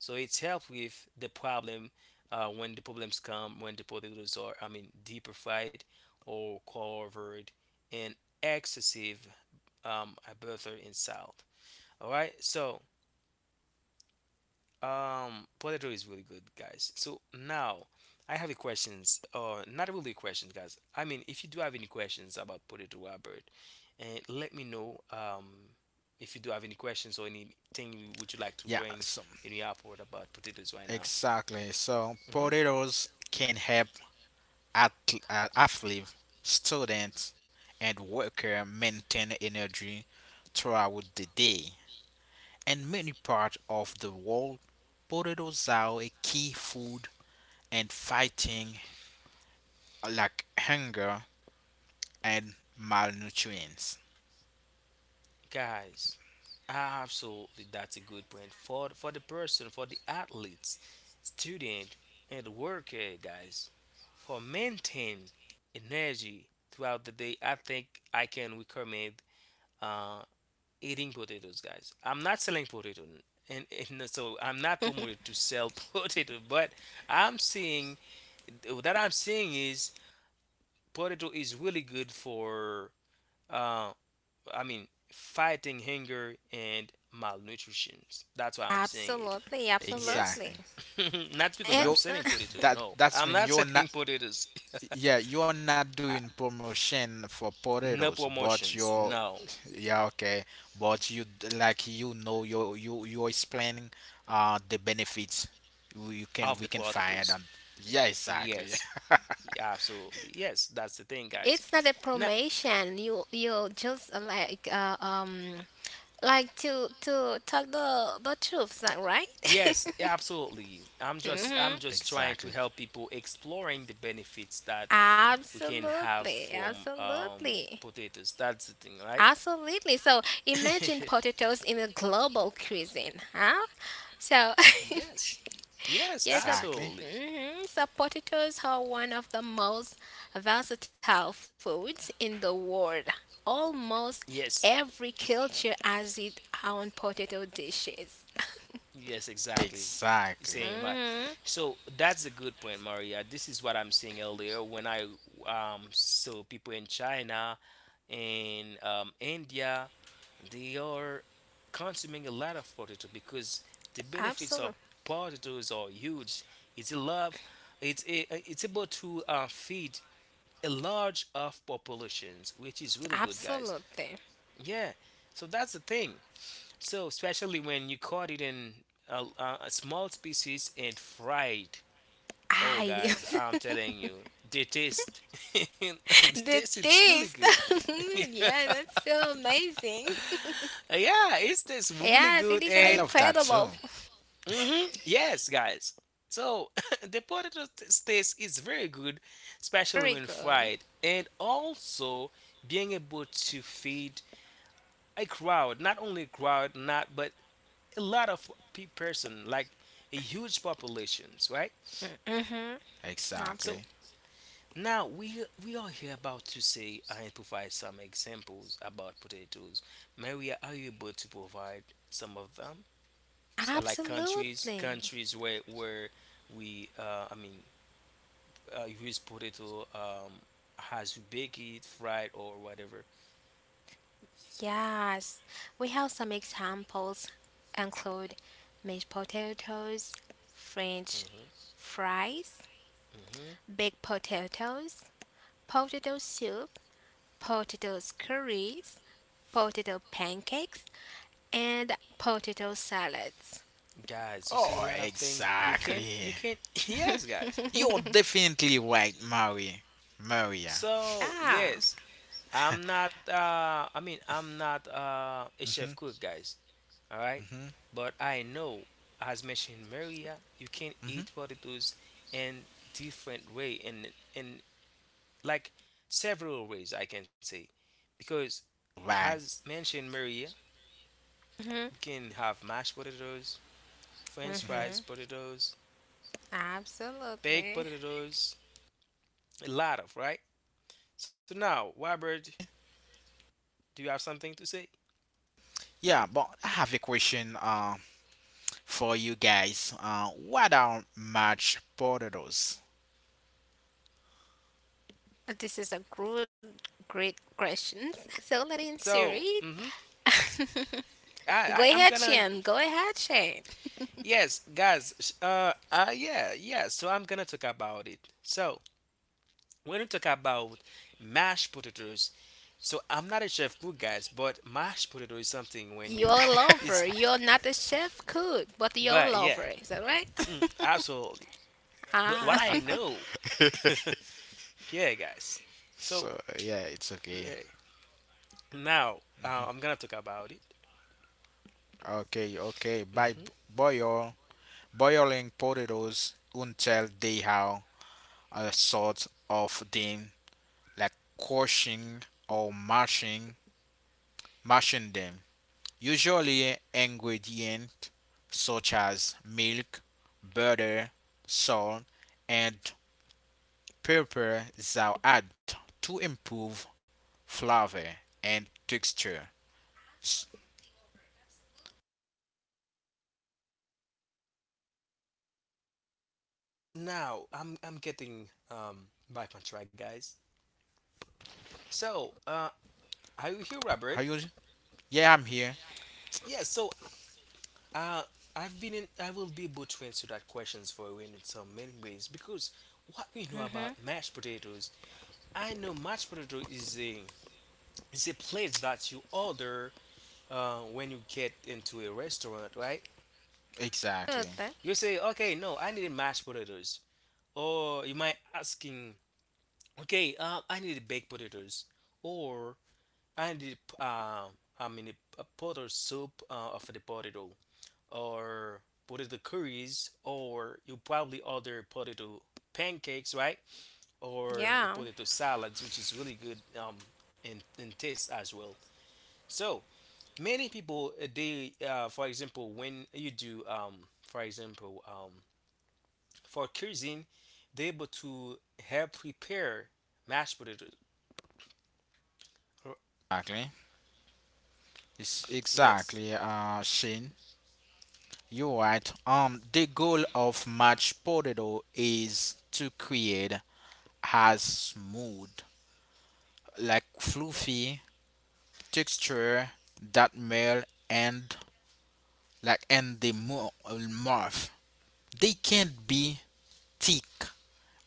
Speaker 2: so it's help with the problem uh, when the problems come when the potatoes are, I mean, deeper fried or covered in excessive um, butter and salt. All right. So Um, potato is really good, guys. So now I have a questions, or not really questions, guys. I mean, if you do have any questions about Potato Albert, and let me know um, if you do have any questions or anything you would you like to
Speaker 1: Yeah,
Speaker 2: bring
Speaker 1: so
Speaker 2: in the airport about potatoes right now.
Speaker 1: exactly. So
Speaker 2: Mm-hmm.
Speaker 1: potatoes can help at, uh, athlete, students, and worker maintain energy throughout the day. In many parts of the world, potatoes are a key food in fighting uh, like hunger and malnutrition.
Speaker 2: Guys, absolutely, that's a good point for for the person, for the athletes, student, and worker, guys, for maintain energy throughout the day. I think I can recommend uh, eating potatoes, guys. I'm not selling potato, and, and so I'm not promoted to sell potato, but I'm seeing that I'm seeing is potato is really good for uh, I mean, fighting hunger and malnutrition. That's why I'm saying it.
Speaker 3: Absolutely.
Speaker 2: Yes.
Speaker 1: Exactly.
Speaker 3: Absolutely.
Speaker 2: Not because I'm
Speaker 1: You
Speaker 2: selling potato.
Speaker 3: Exactly.
Speaker 1: that
Speaker 2: No,
Speaker 1: that's
Speaker 2: I'm
Speaker 1: mean
Speaker 2: not
Speaker 1: you're not.
Speaker 2: selling potatoes.
Speaker 1: Yeah, you are not
Speaker 2: I-
Speaker 1: doing promotion for
Speaker 2: no
Speaker 1: potatoes, but
Speaker 2: promotions.
Speaker 1: you're
Speaker 2: No,
Speaker 1: yeah, okay, but you d- like you know you you you're explaining uh the benefits you, you
Speaker 2: of
Speaker 1: can
Speaker 2: the
Speaker 1: we can
Speaker 2: potatoes.
Speaker 1: find on yeah, exactly.
Speaker 2: Yes, absolutely. Yes, that's the thing, guys.
Speaker 3: It's not a
Speaker 2: Now,
Speaker 3: promotion. You you just uh, like uh, um like to to talk the the truth, is that right?
Speaker 2: yes, absolutely. I'm just
Speaker 3: hmm
Speaker 2: I'm just trying to
Speaker 1: Exactly.
Speaker 2: help people exploring the benefits that we can have
Speaker 3: Absolutely.
Speaker 2: from um,
Speaker 3: Absolutely.
Speaker 2: potatoes. That's the thing, right?
Speaker 3: Absolutely. So imagine potatoes in a global cuisine, huh? So,
Speaker 2: yes. Yes,
Speaker 3: yes, so,
Speaker 1: Exactly.
Speaker 2: absolutely.
Speaker 3: mhm, so potatoes are one of the most versatile foods in the world. Almost
Speaker 2: Yes.
Speaker 3: every culture has its own potato dishes.
Speaker 2: Yes, exactly. You're
Speaker 1: Exactly.
Speaker 2: saying right.
Speaker 3: hmm
Speaker 2: So that's a good point, Maria. This is what I'm saying earlier when I um saw people in China and um, India, they are consuming a lot of potato because the benefits
Speaker 3: Absolutely.
Speaker 2: of potatoes are huge. It's a love. It's a, it's able to uh, feed a large of populations, which is really good, guys.
Speaker 3: Absolutely.
Speaker 2: Yeah, so that's the thing. So especially when you caught it in a, a a small species and fried. Oh,
Speaker 3: I
Speaker 2: guys, I'm telling you, the taste, the
Speaker 3: the
Speaker 2: taste is really
Speaker 3: taste.
Speaker 2: good. Yeah,
Speaker 3: Yeah, that's so amazing.
Speaker 2: it tastes really
Speaker 3: Yes, it
Speaker 2: good
Speaker 3: is an
Speaker 1: I
Speaker 2: and
Speaker 1: love that too.
Speaker 3: incredible
Speaker 2: hmm yes, guys. So the potato t- taste is very good, especially
Speaker 3: very
Speaker 2: when
Speaker 3: good.
Speaker 2: fried, and also being able to feed a crowd, not only a crowd, not but a lot of pe- person, like a huge populations, right?
Speaker 3: Mm-hmm.
Speaker 2: So
Speaker 1: Exactly.
Speaker 3: Absolutely.
Speaker 2: now we we are here about to say uh, and provide some examples about potatoes. Maria, are you able to provide some of them? So, like countries,
Speaker 3: Absolutely.
Speaker 2: countries where where we, uh, I mean, uh, use potato um, has you bake it, fried or whatever.
Speaker 3: Yes. We have some examples include mashed potatoes, French
Speaker 2: Hmm.
Speaker 3: fries,
Speaker 2: Hmm.
Speaker 3: baked potatoes, potato soup, potato curries, potato pancakes, and potato salads.
Speaker 2: Guys, you see
Speaker 1: Oh,
Speaker 2: a lot of things. You can,
Speaker 1: exactly.
Speaker 2: you can, yes, guys.
Speaker 1: You're definitely right, Mary. Maria.
Speaker 2: So
Speaker 3: Yeah.
Speaker 2: yes, I'm not. Uh, I mean, I'm not uh, a chef
Speaker 1: Mhm.
Speaker 2: cook, guys. All right,
Speaker 1: Mhm.
Speaker 2: but I know, as mentioned, Maria, you can eat
Speaker 1: Mhm.
Speaker 2: potatoes in different way, and in like several ways, I can say, because
Speaker 1: Right.
Speaker 2: as mentioned, Maria,
Speaker 3: Mm-hmm.
Speaker 2: we can have mashed potatoes, French
Speaker 1: Mm-hmm.
Speaker 3: Mm-hmm.
Speaker 2: fries, potatoes, baked
Speaker 3: Absolutely.
Speaker 2: potatoes, a lot of right. So now, Robert, do you have something to say?
Speaker 1: Yeah, but I have a question uh, for you guys. Uh, what are mashed potatoes?
Speaker 3: This is a good, great question. So let me answer
Speaker 2: So,
Speaker 3: it.
Speaker 2: mhm. I,
Speaker 3: Go
Speaker 2: I
Speaker 3: ahead,
Speaker 2: I'm gonna
Speaker 3: Shane. Go ahead, Shane.
Speaker 2: yes guys sh- uh uh yeah yeah so I'm gonna talk about it so when we talk about mashed potatoes so I'm not a chef cook guys but mashed potato is something when
Speaker 3: You're
Speaker 2: you
Speaker 3: a lover.
Speaker 2: it's
Speaker 3: You're not a chef cook, but you're a
Speaker 2: but yeah
Speaker 3: lover. Is that right?
Speaker 2: absolutely but what
Speaker 3: ah.
Speaker 2: I know yeah guys so
Speaker 1: So yeah, it's okay.
Speaker 2: yeah now uh, I'm gonna talk about it.
Speaker 1: Okay, okay. By b-
Speaker 2: Hmm.
Speaker 1: boil boiling potatoes until they have a sort of them, like crushing or mashing, mashing them. Usually ingredient such as milk, butter, salt, and pepper thou add to improve flavor and texture. S-
Speaker 2: Now I'm I'm getting um back on track guys, so uh are you here Robert?
Speaker 1: Are you? Yeah, I'm here.
Speaker 2: Yeah so Uh, I've been in, I will be able to answer that questions for you in some many ways because what we know
Speaker 3: mm-hmm.
Speaker 2: about mashed potatoes, I know mashed potato is a is a plate that you order uh, when you get into a restaurant, right?
Speaker 3: Good.
Speaker 1: Exactly.
Speaker 3: Huh?
Speaker 2: You say, okay, no, I need mashed potatoes, or you might asking, okay, uh, I need baked potatoes, or I need uh, I mean a, a pot or soup uh, of the potato, or potato curries, or you probably order potato pancakes right, or a
Speaker 3: Yeah.
Speaker 2: potato salads which is really good um in, in taste as well. So many people uh, they uh, for example when you do um for example um for cuisine they're able to help prepare mashed potatoes. Or-
Speaker 1: Exactly. It's
Speaker 2: yes.
Speaker 1: exactly, uh, Shane. You're right. Um, the goal of mashed potato is to create as smooth, like fluffy texture that melt and like and the mouth. They can't be thick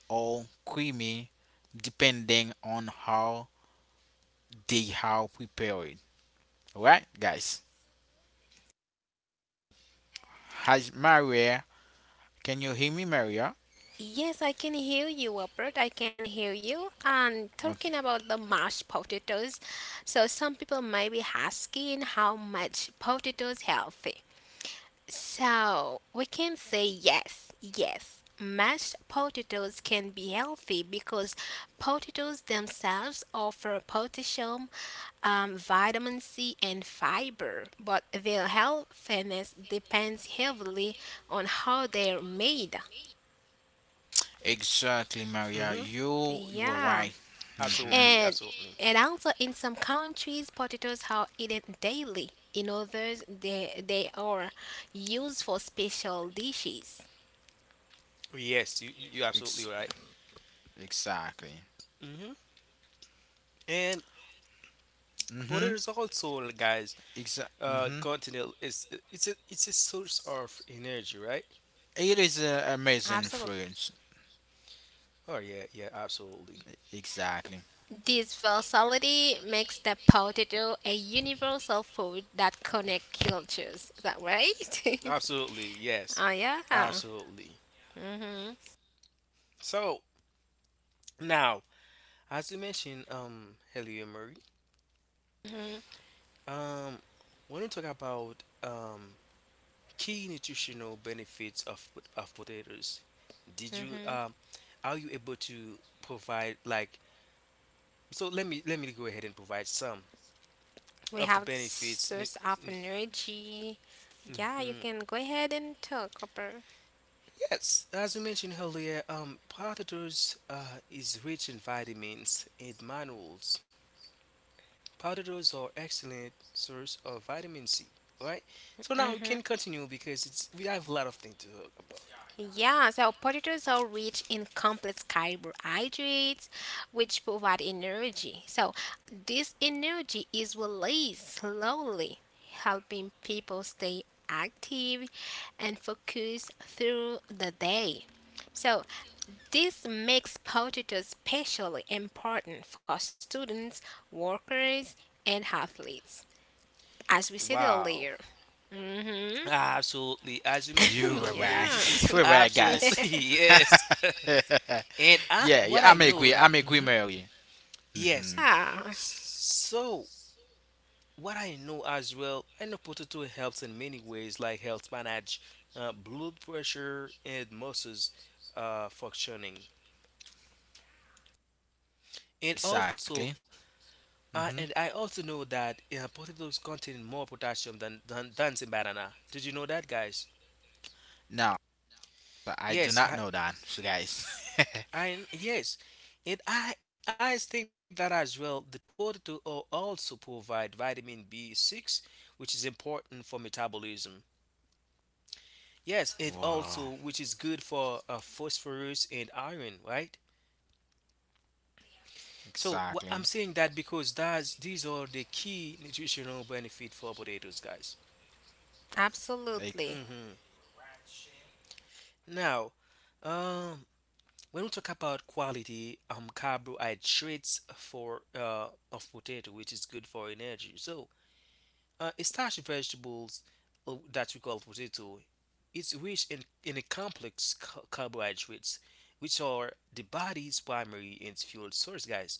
Speaker 1: or creamy depending on how they are prepared. Alright, guys. Has Maria, can you hear me, Maria?
Speaker 3: Yes, I can hear you, Robert. I can hear you. And
Speaker 1: Okay.
Speaker 3: talking about the mashed potatoes, so some people might be asking how much potatoes healthy. So we can say yes, yes. Mashed potatoes can be healthy because potatoes themselves offer potassium, um, vitamin C, and fiber, but their healthiness depends heavily on how they're made.
Speaker 1: Exactly, Maria.
Speaker 2: Mm-hmm.
Speaker 1: You you were
Speaker 3: Yeah.
Speaker 1: right. Mm-hmm.
Speaker 2: Absolutely.
Speaker 3: And
Speaker 2: Absolutely.
Speaker 3: and also in some countries, potatoes are eaten daily. In others, they they are used for special dishes.
Speaker 2: Yes, you you you're absolutely
Speaker 1: Ex-
Speaker 2: right.
Speaker 1: exactly.
Speaker 2: Mm-hmm. And
Speaker 1: Mm-hmm.
Speaker 2: potatoes also guys
Speaker 1: Exa-
Speaker 2: uh
Speaker 1: mm-hmm.
Speaker 2: continent is it's a it's a source of energy right.
Speaker 1: It is uh, amazing fruits.
Speaker 2: Oh yeah yeah absolutely.
Speaker 1: Exactly.
Speaker 3: This versatility makes the potato a universal food that connects cultures. Is that right?
Speaker 2: Absolutely yes.
Speaker 3: Oh yeah.
Speaker 2: Absolutely.
Speaker 3: Mhm.
Speaker 2: So now as you mentioned um earlier Murray,
Speaker 3: Mhm.
Speaker 2: um when we talk about um key nutritional benefits of pot- of potatoes, did you
Speaker 3: Mhm.
Speaker 2: um are you able to provide like, so let me let me go ahead and provide some
Speaker 3: We
Speaker 2: of the
Speaker 3: have
Speaker 2: benefits.
Speaker 3: source of energy. Yeah, you
Speaker 2: Mm-hmm.
Speaker 3: can go ahead and talk, Copper.
Speaker 2: Yes, as we mentioned earlier, um, potatoes uh, is rich in vitamins and minerals. Potatoes are excellent source of vitamin C. All right, so now we can continue because it's we have a lot of things to talk about.
Speaker 3: Yeah, so potatoes are rich in complex carbohydrates, which provide energy. So, this energy is released slowly, helping people stay active and focused through the day. So, this makes potatoes especially important for students, workers, and athletes, as we said
Speaker 2: Wow.
Speaker 3: earlier. Hmm
Speaker 2: Absolutely. As you mentioned
Speaker 1: You were
Speaker 2: earlier,
Speaker 1: right.
Speaker 2: this
Speaker 3: yeah.
Speaker 2: is
Speaker 1: you were right, guys.
Speaker 2: absolutely yes. And I,
Speaker 1: yeah, yeah.
Speaker 2: what I
Speaker 1: I'm
Speaker 2: know,
Speaker 1: agree.
Speaker 2: uh,
Speaker 1: I'm agree,
Speaker 2: mhm.
Speaker 1: Mary.
Speaker 2: Yes.
Speaker 1: Mm-hmm.
Speaker 3: Yeah.
Speaker 2: So what I know as well, I know potato helps in many ways, like helps manage uh, blood pressure and muscles uh, functioning. And also,
Speaker 1: Exactly.
Speaker 2: uh,
Speaker 1: Mm-hmm.
Speaker 2: and I also know that uh, potatoes contain more potassium than than than the banana. Did you know that, guys?
Speaker 1: No, I do not
Speaker 2: Yes,
Speaker 1: know
Speaker 2: I,
Speaker 1: that, so guys.
Speaker 2: I yes, and I I think that as well. The potato al- also provide vitamin B six, which is important for metabolism. Yes, it
Speaker 1: wow,
Speaker 2: also, which is good for uh, phosphorus and iron, right? So wha-
Speaker 1: exactly,
Speaker 2: I'm saying that because that's these are the key nutritional benefit for potatoes, guys.
Speaker 3: Absolutely.
Speaker 2: Hmm. Now, um, when we talk about quality, um, carbohydrates for uh of potato, which is good for energy. So Uh, starchy vegetables uh, that we call potato, it's rich in, in a complex ca- carbohydrates, which are the body's primary and fuel source, guys.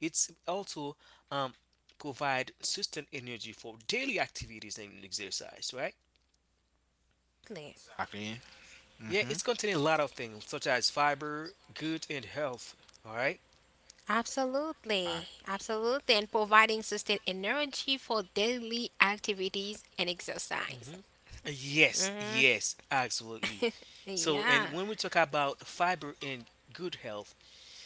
Speaker 2: It's also um, provide sustained energy for daily activities and exercise, right?
Speaker 3: Absolutely.
Speaker 1: exactly.
Speaker 2: Yeah,
Speaker 1: Mm-hmm.
Speaker 2: it's containing a lot of things such as fiber, good and health. All right,
Speaker 1: Uh,
Speaker 3: Absolutely. And providing sustained energy for daily activities and exercise.
Speaker 2: hmm yes, yes, absolutely. So, and
Speaker 3: Yeah.
Speaker 2: when we talk about fiber and good health,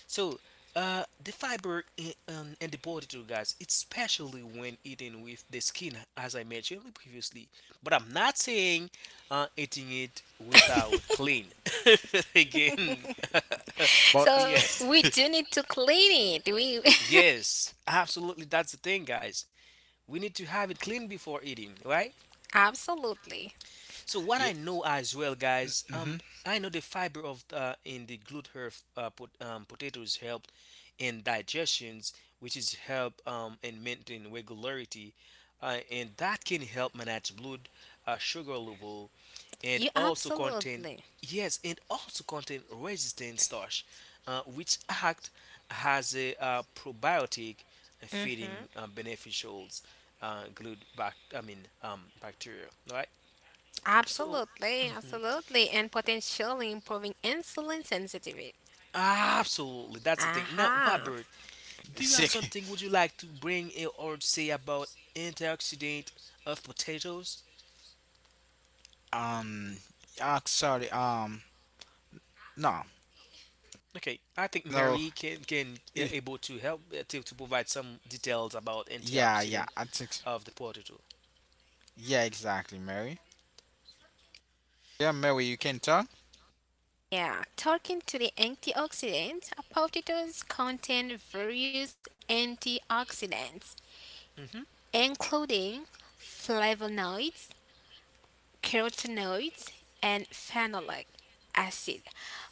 Speaker 2: so, uh, the fiber in, um, in the body too, guys, it's especially when eaten with the skin, as I mentioned previously. But I'm not saying uh, eating it without clean. Again,
Speaker 1: but
Speaker 3: So
Speaker 2: yes,
Speaker 3: we do need to clean it. We
Speaker 2: yes, absolutely. That's the thing, guys. We need to have it clean before eating, right?
Speaker 3: absolutely.
Speaker 2: So what I
Speaker 1: yeah,
Speaker 2: know as well, guys,
Speaker 1: mm-hmm.
Speaker 2: um, I know the fiber of uh, in the glute herb uh, pot, um, potatoes help in digestions, which is help um, in maintain regularity, uh, and that can help manage blood uh, sugar level,
Speaker 3: You
Speaker 2: and also contain
Speaker 3: absolutely.
Speaker 2: yes, and also contain resistant starch, uh, which act as a uh, probiotic,
Speaker 3: Mm-hmm.
Speaker 2: feeding um, beneficials, uh, glute bac- I mean um, bacteria, right? So,
Speaker 3: Absolutely.
Speaker 2: mhm,
Speaker 3: Absolutely. And potentially improving insulin sensitivity.
Speaker 2: absolutely, that's the thing. Now,
Speaker 3: Aha.
Speaker 2: Robert, do you have
Speaker 1: Sick.
Speaker 2: something would you like to bring in or say about antioxidant of potatoes?
Speaker 1: Um, uh, sorry. Um, no,
Speaker 2: Okay, I think
Speaker 1: no.
Speaker 2: Mary can can uh,
Speaker 1: eh,
Speaker 2: able to help uh, to, to provide some details about
Speaker 1: Yeah, yeah.
Speaker 2: antioxidant
Speaker 1: I think.
Speaker 2: of the potato.
Speaker 1: Yeah, exactly, Mary. Yeah, Mary, you can talk.
Speaker 3: Yeah, talking to the antioxidants, potatoes contain various antioxidants
Speaker 2: Hmm
Speaker 3: including flavonoids, carotenoids, and phenolic acid,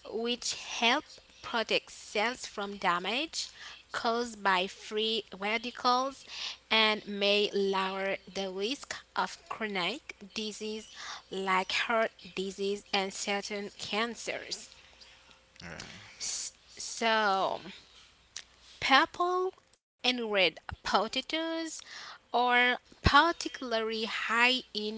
Speaker 3: which help protect cells from damage caused by free radicals and may lower the risk of chronic disease like heart disease and certain cancers.
Speaker 1: Yeah.
Speaker 3: S- So, purple and red potatoes are particularly high in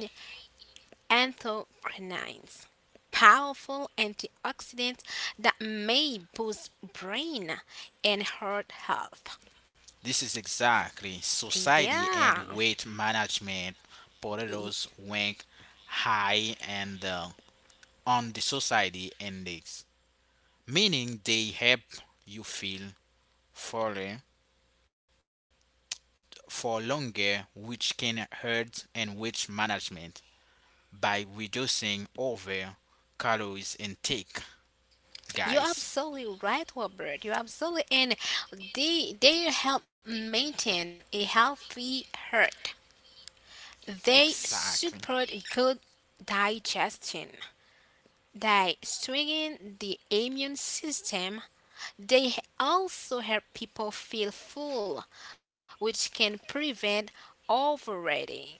Speaker 3: anthocyanins, powerful antioxidants that may boost brain and heart health.
Speaker 1: This is exactly society and
Speaker 3: Yeah,
Speaker 1: weight management.
Speaker 3: y-
Speaker 1: Potatoes rank high and uh, on the society index, meaning they help you feel fully for longer, which can hurt and weight management by reducing over calories intake,
Speaker 3: you're
Speaker 1: guys.
Speaker 3: absolutely right, Robert. You're absolutely, and they they help maintain a healthy heart. They
Speaker 1: Exactly.
Speaker 3: support good digestion. They strengthen the immune system. They h- also help people feel full, which can prevent overeating.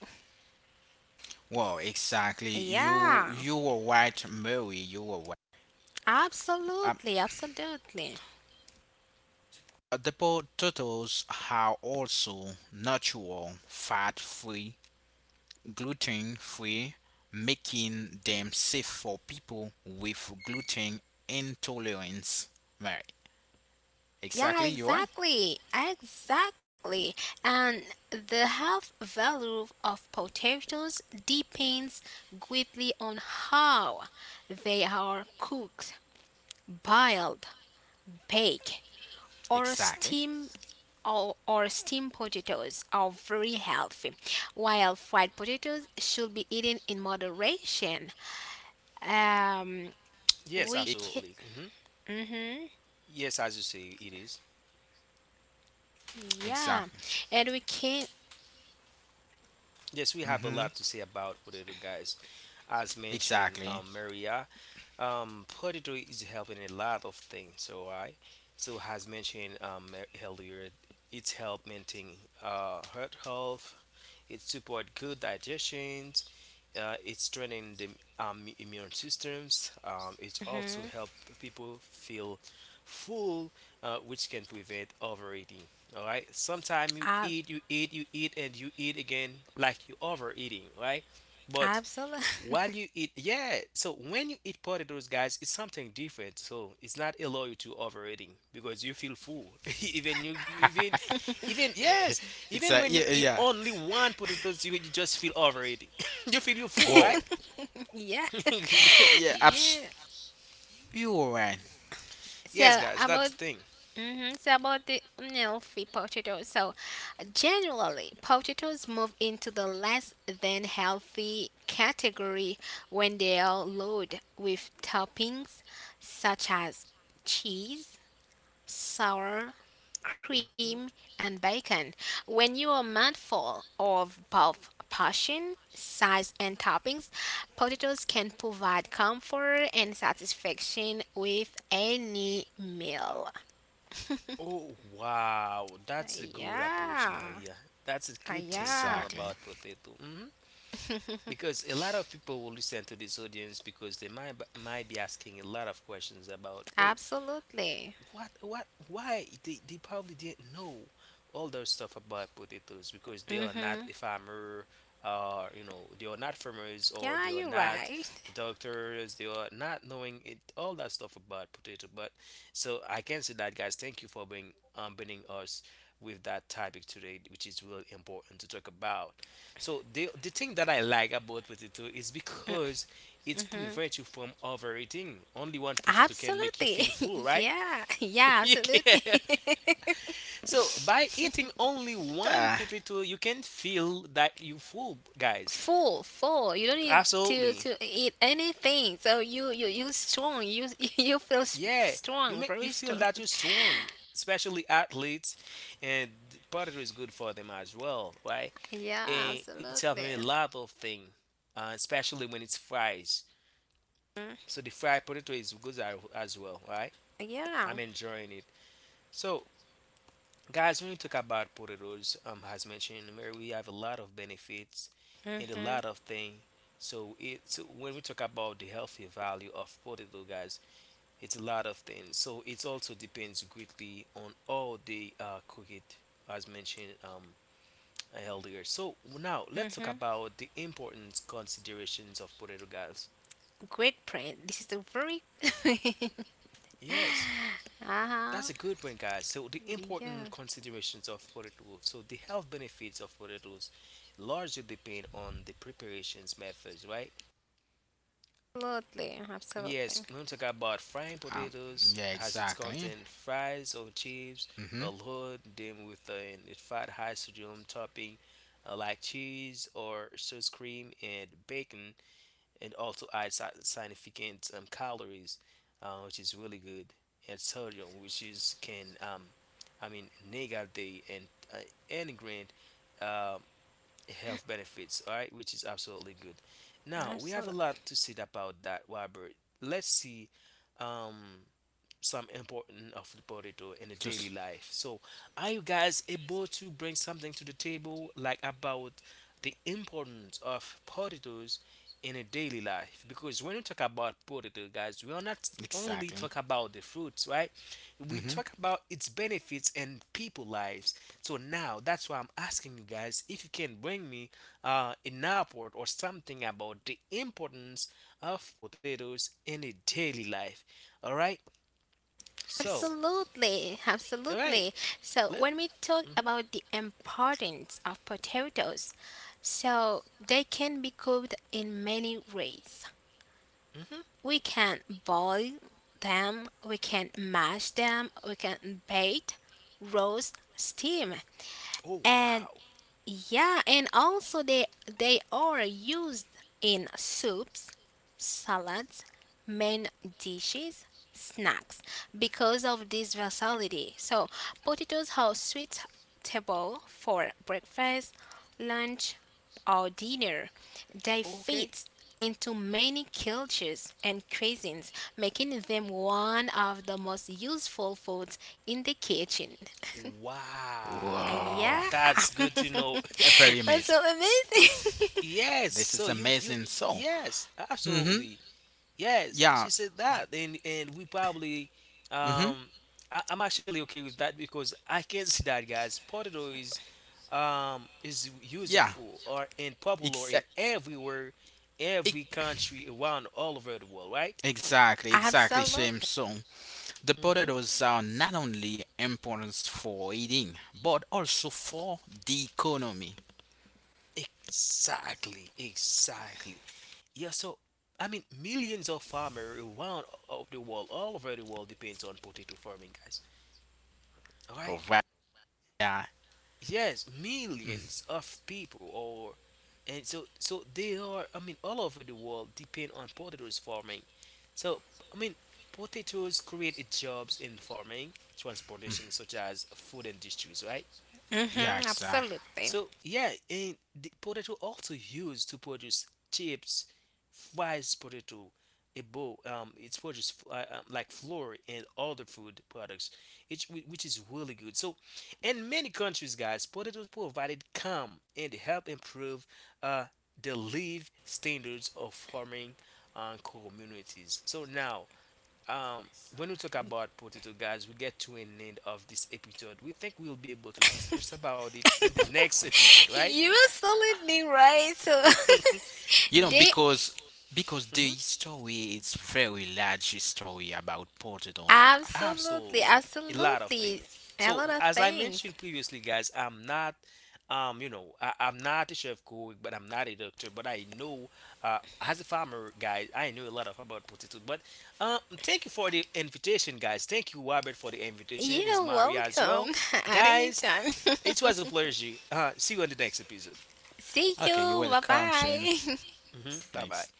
Speaker 1: Well, exactly. You you
Speaker 3: Yeah,
Speaker 1: were right, Mary. You were right. Um,
Speaker 3: absolutely, absolutely.
Speaker 1: the potatoes are also natural, fat-free gluten free, making them safe for people with gluten intolerance. Right.
Speaker 3: Yeah,
Speaker 1: Exactly. You're right.
Speaker 3: exactly, exactly. And the health value of potatoes depends greatly on how they are cooked, boiled, baked, or a
Speaker 1: Exactly.
Speaker 3: steam or, or steamed potatoes are very healthy, while fried potatoes should be eaten in moderation. Um,
Speaker 2: Yes,
Speaker 3: we
Speaker 2: absolutely.
Speaker 3: can,
Speaker 2: Hmm
Speaker 3: hmm
Speaker 2: Yes, as you say, it is.
Speaker 3: yeah,
Speaker 1: Exactly.
Speaker 3: and we can,
Speaker 2: Yes, we have a lot to
Speaker 1: Mm-hmm.
Speaker 2: say about potato, guys. As mentioned, um,
Speaker 1: Exactly.
Speaker 2: Mary. Um, poetry is helping a lot of things. So I, so has mentioned um e-, earlier, it's help maintain uh heart health. It support good digestion. Uh, it's strengthening the um, immune systems. Um, it also
Speaker 3: mm-hmm,
Speaker 2: help people feel full, uh, which can prevent overeating. All right. Sometimes you eat, you eat, you eat, and you eat again, like you overeating, right? But
Speaker 3: absolutely,
Speaker 2: while you eat, yeah. So when you eat potatoes, guys, it's something different. So it's not allow you to overeating because you feel full. even you, you- even, even yes, even when you
Speaker 1: Exactly. Yeah.
Speaker 2: eat
Speaker 1: Yeah.
Speaker 2: only one potatoes, you, you just feel overeating. you feel you full, right?
Speaker 1: Whoa.
Speaker 3: yeah,
Speaker 1: Yeah. Abs-
Speaker 3: yeah.
Speaker 1: you're right.
Speaker 2: Yes,
Speaker 3: So
Speaker 2: guys, that's
Speaker 3: about
Speaker 2: the thing.
Speaker 3: mm-hmm. So about the unhealthy potatoes. So generally, potatoes move into the less than healthy category when they are loaded with toppings such as cheese, sour
Speaker 2: Mm-hmm.
Speaker 3: cream, and bacon. When you are mindful of both portion, size, and toppings, potatoes can provide comfort and satisfaction with any meal.
Speaker 2: Oh wow, that's a good approach,
Speaker 3: Yeah,
Speaker 2: Maria. That's a
Speaker 3: uh,
Speaker 2: good thing to know
Speaker 3: yeah,
Speaker 1: Exactly.
Speaker 2: about potato. Hmm because a lot of people will listen to this audience because they might might be asking a lot of questions about oh
Speaker 3: absolutely.
Speaker 2: what what why they, they probably didn't know all those stuff about potatoes because they are not
Speaker 3: Mm-hmm.
Speaker 2: a farmer, uh you know, they are not farmers or
Speaker 3: Yeah,
Speaker 2: they are
Speaker 3: you're
Speaker 2: not
Speaker 3: right.
Speaker 2: doctors, they are not knowing it, all that stuff about potato. But so I can say that, guys, thank you for being um bringing us with that topic today, which is really important to talk about. So the the thing that I like about potato is because it
Speaker 3: hmm
Speaker 2: prevents you from overeating. Only one potato can make you
Speaker 3: Absolutely.
Speaker 2: feel full, right?
Speaker 3: yeah, yeah,
Speaker 2: You
Speaker 3: absolutely.
Speaker 2: can. So by eating only one
Speaker 1: Yeah.
Speaker 2: potato, you can feel that you full, guys.
Speaker 3: full, full. You don't need to
Speaker 2: Absolutely.
Speaker 3: to eat anything. So you you you strong. You you feel s-
Speaker 2: Yeah, you
Speaker 3: strong,
Speaker 2: make you
Speaker 3: very
Speaker 2: feel
Speaker 3: strong.
Speaker 2: that you're strong, especially athletes, and potato is good for them as well, right?
Speaker 3: yeah,
Speaker 2: And it's
Speaker 3: absolutely.
Speaker 2: helping a lot of things, uh, especially when it's fries.
Speaker 3: Mhm.
Speaker 2: So the fried potato is good as as well, right?
Speaker 3: Yeah.
Speaker 2: I'm enjoying it. So guys, when you talk about potatoes, um, as mentioned, Mary, we have a lot of benefits and a
Speaker 3: Mhm.
Speaker 2: lot of things. So it's when we talk about the healthy value of potato, guys, it's a lot of things. So it also depends greatly on how they uh, cook it, as mentioned um, earlier. So now let's talk
Speaker 3: Mhm.
Speaker 2: about the important considerations of potato, guys.
Speaker 3: Great print. This is a very.
Speaker 2: Yes.
Speaker 3: Uh huh.
Speaker 2: That's a good point, guys. So the
Speaker 3: Yeah.
Speaker 2: important considerations of potatoes. So the health benefits of potatoes largely depend on the preparations methods, right?
Speaker 3: Absolutely. Absolutely.
Speaker 2: Yes, when we talk about frying
Speaker 1: Um.
Speaker 2: potatoes,
Speaker 1: Yeah.
Speaker 2: has its
Speaker 1: Exactly.
Speaker 2: content fries or chips,
Speaker 1: Mm-hmm.
Speaker 2: or load them with a fat high sodium topping uh, like cheese or sour cream and bacon, and also add si- significant um, calories, uh, which is really good, and sodium, which is can um, I mean negate the and uh, and grant um, health benefits. All right, which is absolutely good. Now we have a
Speaker 3: Absolutely.
Speaker 2: lot to say about that, Robert. Let's see. Um, some important of the potato in a daily
Speaker 1: Just
Speaker 2: life. So are you guys able to bring something to the table like about the importance of potatoes in a daily life? Because when we talk about potato guys, we are not only
Speaker 1: exactly.
Speaker 2: talk about the fruits, right? We
Speaker 1: Mm-hmm.
Speaker 2: talk about its benefits and people lives. So now that's why I'm asking you guys if you can bring me uh, an report or something about the importance of potatoes in a daily life. All right.
Speaker 1: Ex-
Speaker 2: So,
Speaker 3: Absolutely,
Speaker 2: all right,
Speaker 3: absolutely. So
Speaker 2: let.
Speaker 3: when we talk
Speaker 2: Mhm,
Speaker 3: about the importance of potatoes, so they can be cooked in many ways.
Speaker 2: mhm.
Speaker 3: We can boil them, we can mash them, we can bake, roast, steam.
Speaker 2: Oh
Speaker 3: And
Speaker 2: wow.
Speaker 3: yeah, and also they they are used in soups, salads, main dishes, snacks because of this versatility. So potatoes are suitable for breakfast, lunch, or dinner. They
Speaker 2: Okay.
Speaker 3: fit into many cultures and cuisines, making them one of the most useful foods in the kitchen. Uh,
Speaker 2: Wow,
Speaker 1: Whoa.
Speaker 3: Yeah.
Speaker 2: that's good to know.
Speaker 1: Very
Speaker 3: That's
Speaker 1: amazing.
Speaker 3: so amazing.
Speaker 2: Yes.
Speaker 1: This is
Speaker 2: So you you
Speaker 1: amazing. So.
Speaker 2: yes,
Speaker 1: Mm-hmm.
Speaker 2: absolutely. Yes,
Speaker 1: Yeah.
Speaker 2: she said that, and and we probably,
Speaker 1: Mm-hmm.
Speaker 2: um, I, I'm actually okay with that because I can see that, guys. Potato is, um, is
Speaker 1: Yeah,
Speaker 2: useful or and popular in
Speaker 1: exact,
Speaker 2: everywhere, every country around all over the world, right?
Speaker 1: exactly, exactly, Shame.
Speaker 3: Absolutely.
Speaker 1: So the
Speaker 2: Mm-hmm.
Speaker 1: potatoes are not only important for eating, but also for the economy.
Speaker 2: Exactly, exactly. Yeah. So, I mean, millions of farmers around of the world, all over the world, depends on potato farming, guys. All right.
Speaker 1: All right. Yeah.
Speaker 2: Yes,
Speaker 1: Mhm.
Speaker 2: millions of people or, and so so they are, I mean, all over the world depend on potatoes farming. So I mean potatoes create jobs in farming transportation such as food industries, right?
Speaker 1: Yeah,
Speaker 3: Hmm
Speaker 1: exactly.
Speaker 3: absolutely.
Speaker 2: So yeah, and the potato also used to produce chips, fries, potato, a bowl. Um, it's produced uh, um, like flour and other food products, it's, whi- which is really good. So, in many countries, guys, potatoes provided calm and help improve uh the live standards of farming uh, communities. So now, um, when we talk about potato, guys, we get to an end of this episode. We think we'll be able to discuss about it in the next episode, right?
Speaker 3: You absolutely right. So
Speaker 1: You know,
Speaker 3: they
Speaker 1: because because the
Speaker 2: Mhm.
Speaker 1: story is very large story about potato.
Speaker 3: absolutely,
Speaker 2: Absolutely, a lot of things.
Speaker 3: absolutely a
Speaker 2: So,
Speaker 3: lot of
Speaker 2: as I
Speaker 3: things.
Speaker 2: mentioned previously, guys, I'm not, um, you know, I, I'm not a chef cook, but I'm not a doctor, but I know, uh, as a farmer, guys, I know a lot of about potato. But, um, thank you for the invitation, guys. Thank you, Robert, for the invitation. Is
Speaker 3: You're
Speaker 2: Maria as
Speaker 3: welcome
Speaker 2: well,
Speaker 3: at any
Speaker 2: guys?
Speaker 3: time.
Speaker 2: It was a pleasure. Uh, see you on the next episode.
Speaker 3: See
Speaker 1: Okay, you're
Speaker 3: you. Bye
Speaker 1: welcome, Shame.
Speaker 3: bye.
Speaker 2: Hmm Bye bye.
Speaker 1: Next.